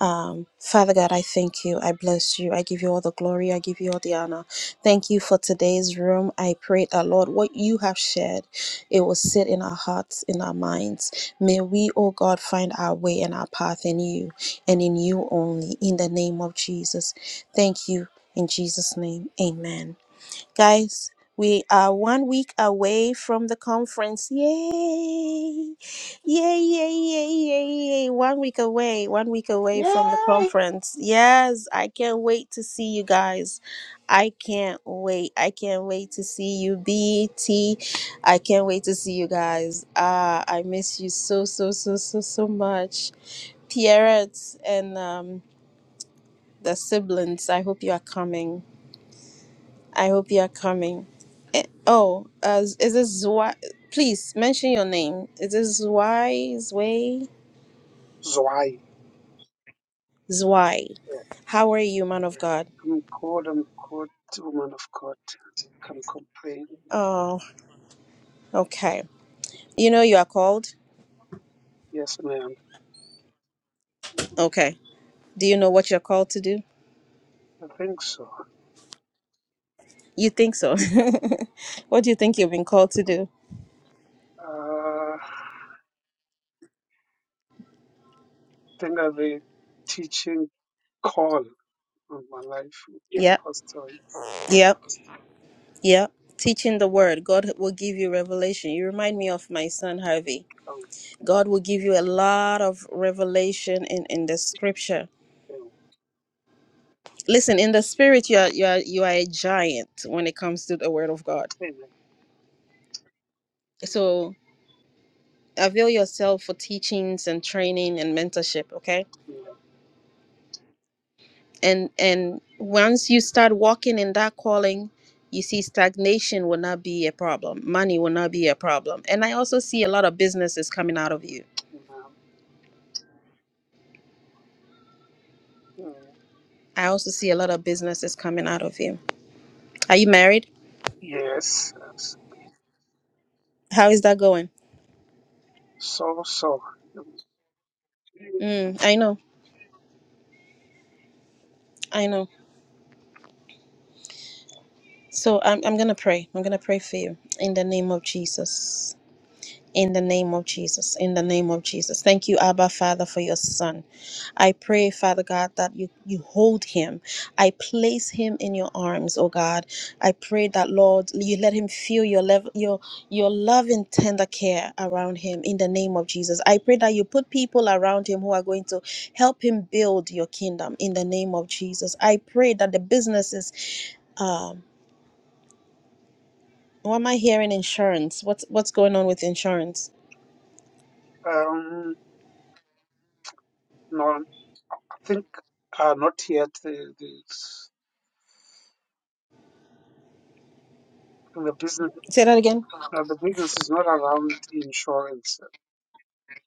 [SPEAKER 1] Um, Father God, I thank you. I bless you. I give you all the glory. I give you all the honor. Thank you for today's room. I pray that, Lord, what you have shared, it will sit in our hearts, in our minds. May we, oh God, find our way and our path in you and in you only, in the name of Jesus. Thank you. In Jesus' name, amen. Guys, we are one week away from the conference. Yay! Yay, yay, yay, yay, yay. One week away, one week away from the
[SPEAKER 2] Yay!
[SPEAKER 1] conference. Yes, I can't wait to see you guys. I can't wait. I can't wait to see you, BT. I can't wait to see you guys. Ah, I miss you so, so, so, so, so much. Pierrette and um, the siblings, I hope you are coming. I hope you are coming. Eh, Oh, uh, is this Zwei? Please mention your name. Is this Zwei? Zwei?
[SPEAKER 5] Zwei.
[SPEAKER 1] Zwei.
[SPEAKER 5] Yeah.
[SPEAKER 1] How are you, man of God?
[SPEAKER 5] I'm cold, I'm cold, woman of God. Can complain.
[SPEAKER 1] Oh, okay. You know you are called?
[SPEAKER 5] Yes, ma'am.
[SPEAKER 1] Okay. Do you know what you're called to do?
[SPEAKER 5] I think so.
[SPEAKER 1] You think so? what do you think you've been called to do?
[SPEAKER 5] Uh, I think I have a teaching call on my life. Yeah.
[SPEAKER 1] Yep,
[SPEAKER 5] Apostle.
[SPEAKER 1] yep, yep. Teaching the word. God will give you revelation. You remind me of my son Harvey.
[SPEAKER 5] Oh,
[SPEAKER 1] God will give you a lot of revelation in, in the scripture
[SPEAKER 5] yeah.
[SPEAKER 1] listen in the spirit you are you are you are a giant when it comes to the word of god
[SPEAKER 5] Amen.
[SPEAKER 1] so avail yourself for teachings and training and mentorship okay
[SPEAKER 5] Amen.
[SPEAKER 1] and and once you start walking in that calling you see stagnation will not be a problem money will not be a problem and i also see a lot of businesses coming out of you
[SPEAKER 5] Amen. Mm.
[SPEAKER 1] i also see a lot of businesses coming out of you are you married
[SPEAKER 5] Yes. yes.
[SPEAKER 1] how is that going
[SPEAKER 5] So, so.
[SPEAKER 1] mm, i know i know so i'm, I'm gonna pray i'm gonna pray for you in the name of jesus In the name of Jesus, in the name of Jesus. Thank you, Abba Father, for your son. I pray, Father God, that you, you hold him. I place him in your arms, oh God. I pray that, Lord, you let him feel your love, your your love and tender care around him in the name of Jesus. I pray that you put people around him who are going to help him build your kingdom in the name of Jesus. I pray that the businesses um what am I hearing? Insurance. What's what's going on with insurance?
[SPEAKER 5] Um, no, I think uh, not yet. The, the, the business,
[SPEAKER 1] Say that again.
[SPEAKER 5] uh, the business is not around insurance.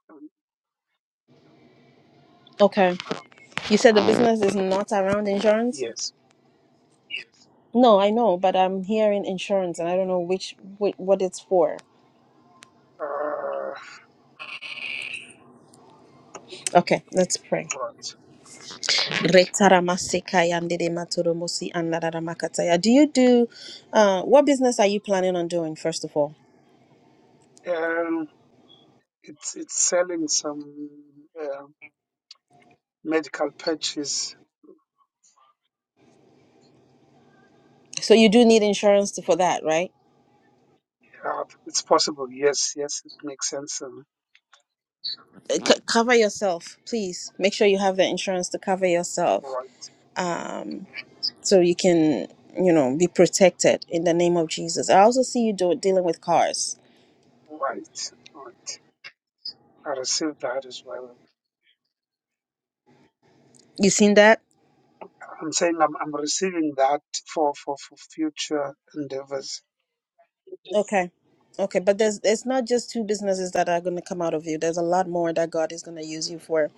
[SPEAKER 5] Um,
[SPEAKER 1] Okay You said the business is not around insurance?
[SPEAKER 5] yes.
[SPEAKER 1] No, I know, but I'm hearing insurance and I don't know which, which what it's for.
[SPEAKER 5] uh,
[SPEAKER 1] Okay, let's pray.
[SPEAKER 5] what?
[SPEAKER 1] Retaramasekayandidematodomosi andadadamakataya. Do you do uh what business are you planning on doing first of all?
[SPEAKER 5] And it's it's selling some uh, medical patches.
[SPEAKER 1] So you do need insurance to- for that, right?
[SPEAKER 5] Yeah, it's possible. Yes, yes, it makes sense. Um,
[SPEAKER 1] C- cover yourself, please. Make sure you have the insurance to cover yourself.
[SPEAKER 5] right,
[SPEAKER 1] Um so you can you know, be protected in the name of Jesus. I also see you do, dealing with cars.
[SPEAKER 5] right, right. I received that as well.
[SPEAKER 1] You seen that?
[SPEAKER 5] I'm saying I'm, I'm receiving that for, for, for future endeavors.
[SPEAKER 1] Okay, but there's it's not just two businesses that are going to come out of you. There's a lot more that God is going to use you for.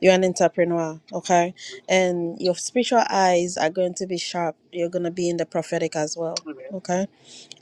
[SPEAKER 1] You're an entrepreneur, okay? And your spiritual eyes are going to be sharp. You're going to be in the prophetic as well,
[SPEAKER 5] Amen.
[SPEAKER 1] okay?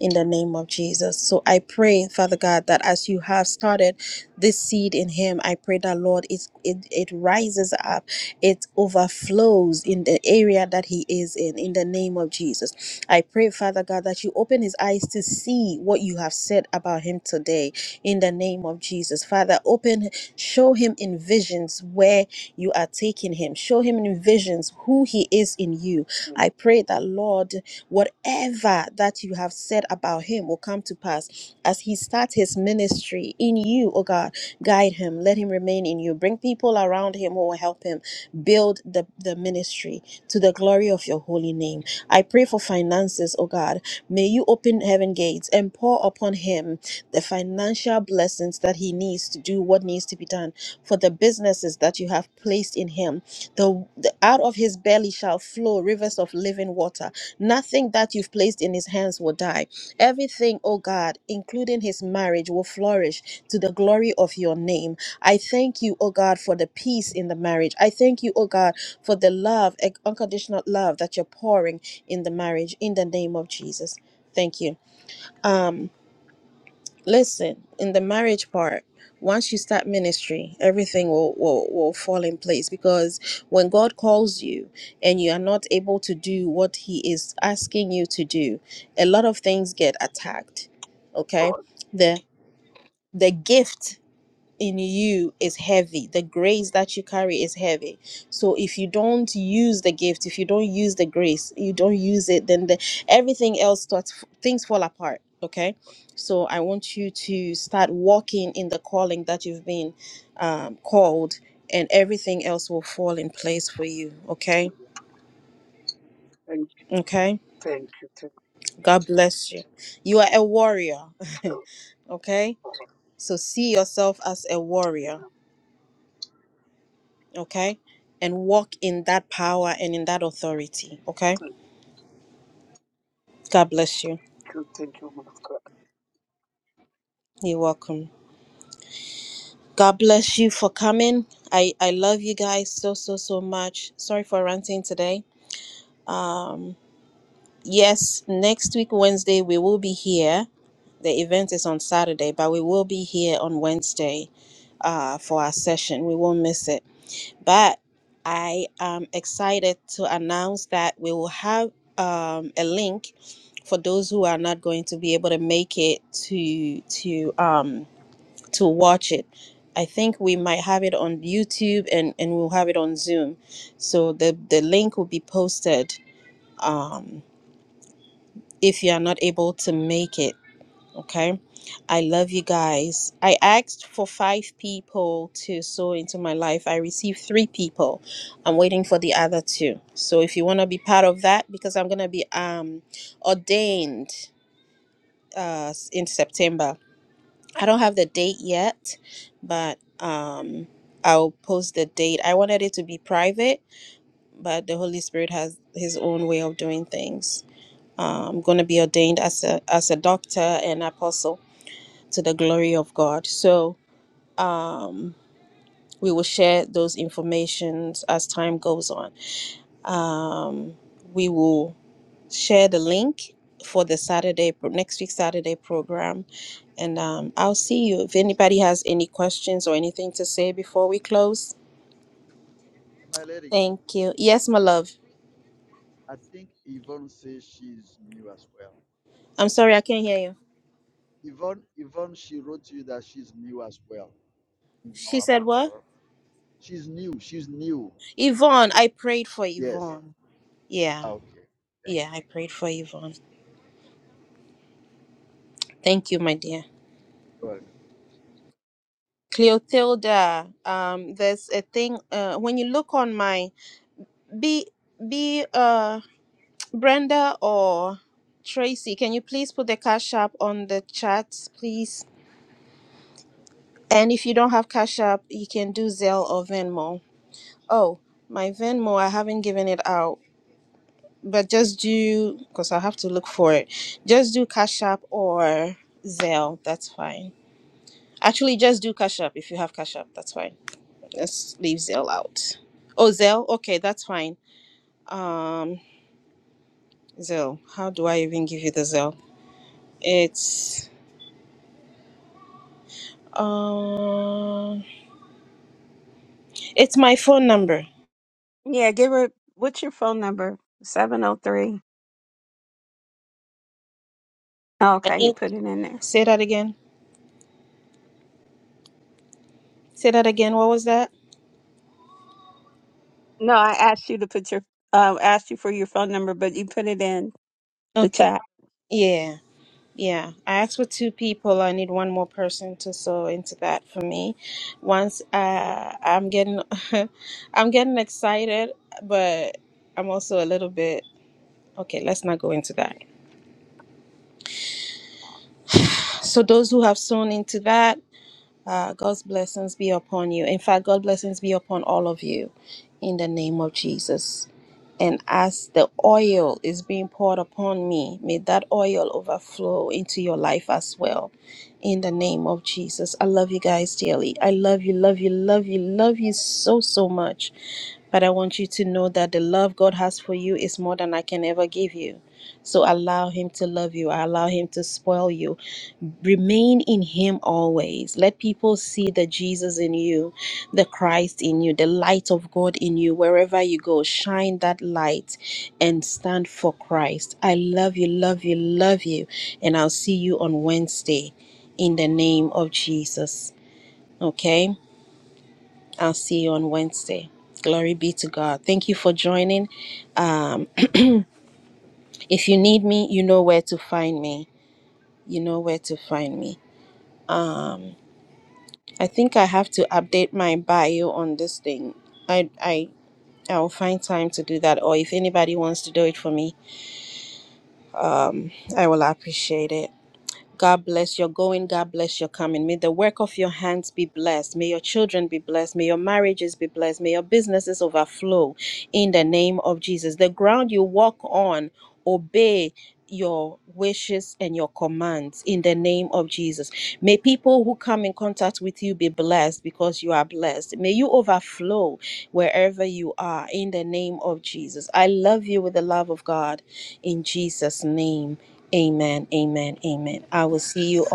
[SPEAKER 1] in the name of Jesus. So I pray, Father God, that as you have started this seed in him, I pray that Lord, it it, it rises up, it overflows in the area that he is in, in the name of Jesus. I pray, Father God, that you open his eyes to see what you have said about him today, in the name of Jesus. Father, open, show him in visions where you are taking him. Show him in visions who he is in you.
[SPEAKER 5] Amen.
[SPEAKER 1] I pray that Lord. Whatever that you have said about him will come to pass as he starts his ministry in you, oh God. Guide him, let him remain in you. Bring people around him who will help him build the, the ministry to the glory of your holy name. I pray for finances, oh God. May you open heaven gates and pour upon him the financial blessings that he needs to do what needs to be done for the businesses that you have placed in him. The, the out of his belly shall flow rivers of living water Nothing that you've placed in his hands will die. Everything, oh God, including his marriage, will flourish to the glory of your name. I thank you, oh God, for the peace in the marriage. I thank you, oh God, for the love, eh, unconditional love that you're pouring in the marriage in the name of Jesus. Thank you. Um, Listen, in the marriage part, once you start ministry, everything will, will, will fall in place because when God calls you and you are not able to do what He is asking you to do, a lot of things get attacked.
[SPEAKER 5] All
[SPEAKER 1] Okay?
[SPEAKER 5] right.
[SPEAKER 1] The the gift in you is heavy. The grace that you carry is heavy. So if you don't use the gift, if you don't use the grace, you don't use it, then the, everything else starts, things fall apart. Okay. So I want you to start walking in the calling that you've been um, called, and everything else will fall in place for you. Okay.
[SPEAKER 5] Amen. Thank,
[SPEAKER 1] Okay.
[SPEAKER 5] thank you. Thank
[SPEAKER 1] God bless you. You are a warrior.
[SPEAKER 5] you.
[SPEAKER 1] okay.
[SPEAKER 5] All right.
[SPEAKER 1] So see yourself as a warrior
[SPEAKER 5] Amen.
[SPEAKER 1] okay? And walk in that power and in that authority, okay?
[SPEAKER 5] Thank
[SPEAKER 1] God bless you.
[SPEAKER 5] you. Thank you. woman of God.
[SPEAKER 1] You're welcome. God bless you for coming. I I love you guys so so so much. Sorry for ranting today. Um yes, next week Wednesday we will be here. The event is on Saturday, but we will be here on Wednesday uh for our session. We won't miss it. But I am excited to announce that we will have um, a link for those who are not going to be able to make it to to um to watch it i think we might have it on youtube and and we'll have it on zoom so the the link will be posted um if you are not able to make it okay i love you guys i asked for five people to sow into my life i received three people i'm waiting for the other two so if you want to be part of that because i'm gonna be um ordained uh, in September. I don't have the date yet, but um, I'll post the date. I wanted it to be private, but the Holy Spirit has His own way of doing things. Uh, I'm going to be ordained as a as a doctor and apostle to the glory of God. So um, we will share those informations as time goes on. Um, we will share the link for the Saturday pro- next week Saturday program And um, I'll see you if anybody has any questions or anything to say before we close.
[SPEAKER 6] And my lady,
[SPEAKER 1] Thank you. Yes, my love.
[SPEAKER 6] I think Yvonne says she's new as well.
[SPEAKER 1] I'm sorry, I can't hear you.
[SPEAKER 6] Yvonne, Yvonne, she wrote to you that she's new as well. I think I
[SPEAKER 1] She
[SPEAKER 6] want to
[SPEAKER 1] said
[SPEAKER 6] pray for
[SPEAKER 1] what?
[SPEAKER 6] her. She's new. She's new.
[SPEAKER 1] Yvonne, I prayed for
[SPEAKER 6] Yes.
[SPEAKER 1] Yvonne. Yeah,
[SPEAKER 6] Ah, Okay. Thank
[SPEAKER 1] yeah,
[SPEAKER 6] you.
[SPEAKER 1] I prayed for Yvonne. Thank you, my dear.
[SPEAKER 6] You're welcome.
[SPEAKER 1] Cleotilda, um, there's a thing uh, when you look on my be be uh Brenda or Tracy, can you please put the cash app on the chat, please? And if you don't have cash app, you can do Zelle or Venmo Oh, my Venmo, I haven't given it out, but just do because I have to look for it. Just do Cash App or Zelle. That's fine. Actually, just do Cash App if you have Cash App. That's fine. Let's leave Zelle out. Oh, Zelle. Okay, that's fine. Um, Zelle. How do I even give you the Zelle? It's um, it's my phone number.
[SPEAKER 7] Yeah, give her what's your phone number? 703. Okay, you put it in there.
[SPEAKER 1] Say that again. Say that again. What was that?
[SPEAKER 7] No, I asked you to put your uh, asked you for your phone number, but you put it in the
[SPEAKER 1] Okay.
[SPEAKER 7] chat.
[SPEAKER 1] Yeah. Yeah, I asked for two people. I need one more person to sew into that for me. Once uh, I'm getting, I'm getting excited, but I'm also a little bit okay. Let's not go into that. So those who have sewn into that. Uh, God's blessings be upon you. In fact, God's blessings be upon all of you in the name of Jesus. And as the oil is being poured upon me, may that oil overflow into your life as well in the name of Jesus. I love you guys dearly. I love you, love you, love you, love you so, so much. But I want you to know that the love God has for you is more than I can ever give you. So allow him to love you, allow him to spoil you. Remain in him always. Let people see the Jesus in you, the Christ in you, the light of God in you. Wherever you go, shine that light and stand for Christ. I love you, love you, love you. And I'll see you on Wednesday in the name of Jesus. Okay? I'll see you on Wednesday. Glory be to God. Thank you for joining. Um, if you need me, you know where to find me. you know where to find me. I think I have to update my bio on this thing. I I I'll find time to do that or if anybody wants to do it for me, um I will appreciate it. God bless your going. God bless your coming. May the work of your hands be blessed. May your children be blessed. May your marriages be blessed. May your businesses overflow in the name of Jesus. The ground you walk on, obey your wishes and your commands in the name of Jesus. May people who come in contact with you be blessed because you are blessed. May you overflow wherever you are in the name of Jesus. I love God in him. Amen.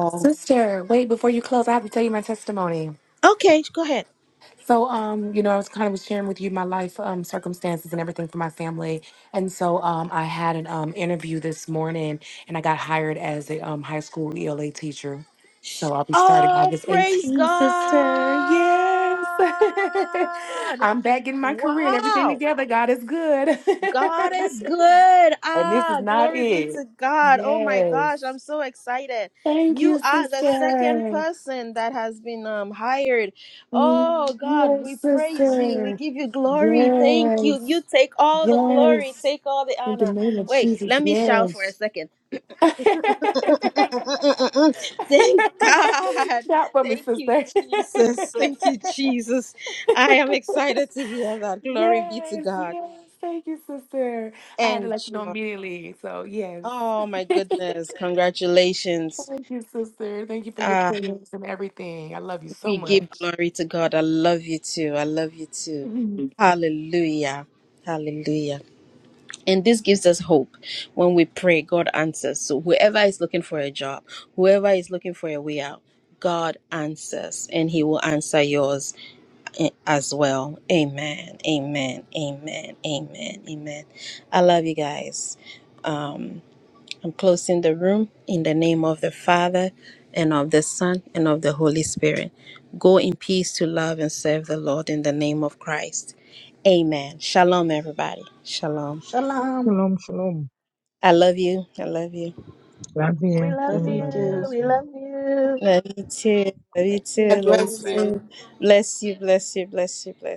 [SPEAKER 3] Sister, wait, before you close, I have to tell you my testimony.
[SPEAKER 1] Okay.
[SPEAKER 3] So, um, you know, I was kind of was sharing with you my life um, circumstances and everything for my family. And so um, I had an um, interview this morning and I got hired as a um, high school ELA teacher. So I'll be starting August eighteenth, sister. Yes. I'm back getting my career and everything together. God is good.
[SPEAKER 1] God.
[SPEAKER 3] and this is not it. Yes. Thank you, sister. Mm, Yes, sister. Yes. Yes. In the name of Jesus, yes. Shout for me, sister.
[SPEAKER 1] Thank you, Jesus. I am excited to hear that. Glory be to
[SPEAKER 3] yes,
[SPEAKER 1] God.
[SPEAKER 3] yes. Thank you, sister. I had to
[SPEAKER 1] And
[SPEAKER 3] let you know
[SPEAKER 1] joy.
[SPEAKER 3] immediately. So, yes.
[SPEAKER 1] oh my goodness, congratulations.
[SPEAKER 3] Thank you, sister. Thank you for your
[SPEAKER 1] Ah,
[SPEAKER 3] prayers and everything. I love you so
[SPEAKER 1] we give
[SPEAKER 3] much.
[SPEAKER 1] glory to God. I love you too. I love you too. Hallelujah. Hallelujah. And this gives us hope. When we pray, God answers. So whoever is looking for a job, whoever is looking for a way out, God answers and he will answer yours a- as well. Amen. Amen. Amen. Amen. Amen. I love you guys. Um, I'm closing the room in the name of the Father and of the Son and of the Holy Spirit. Go in peace to love and serve the Lord in the name of Christ. Amen. Shalom, everybody. Shalom.
[SPEAKER 2] Shalom.
[SPEAKER 8] Shalom, shalom.
[SPEAKER 1] I love you. I love you.
[SPEAKER 9] We
[SPEAKER 8] Rabbi,
[SPEAKER 9] love
[SPEAKER 2] Love
[SPEAKER 8] Tino
[SPEAKER 2] you
[SPEAKER 9] you.
[SPEAKER 2] too.
[SPEAKER 9] We
[SPEAKER 8] Nadigaso.
[SPEAKER 9] love you.
[SPEAKER 1] Love you too. Love you too.
[SPEAKER 10] God
[SPEAKER 9] Blessings,
[SPEAKER 1] Love you
[SPEAKER 10] bless you.
[SPEAKER 9] everybody.
[SPEAKER 1] too. Bless you. Bless you. Bless you. Bless you.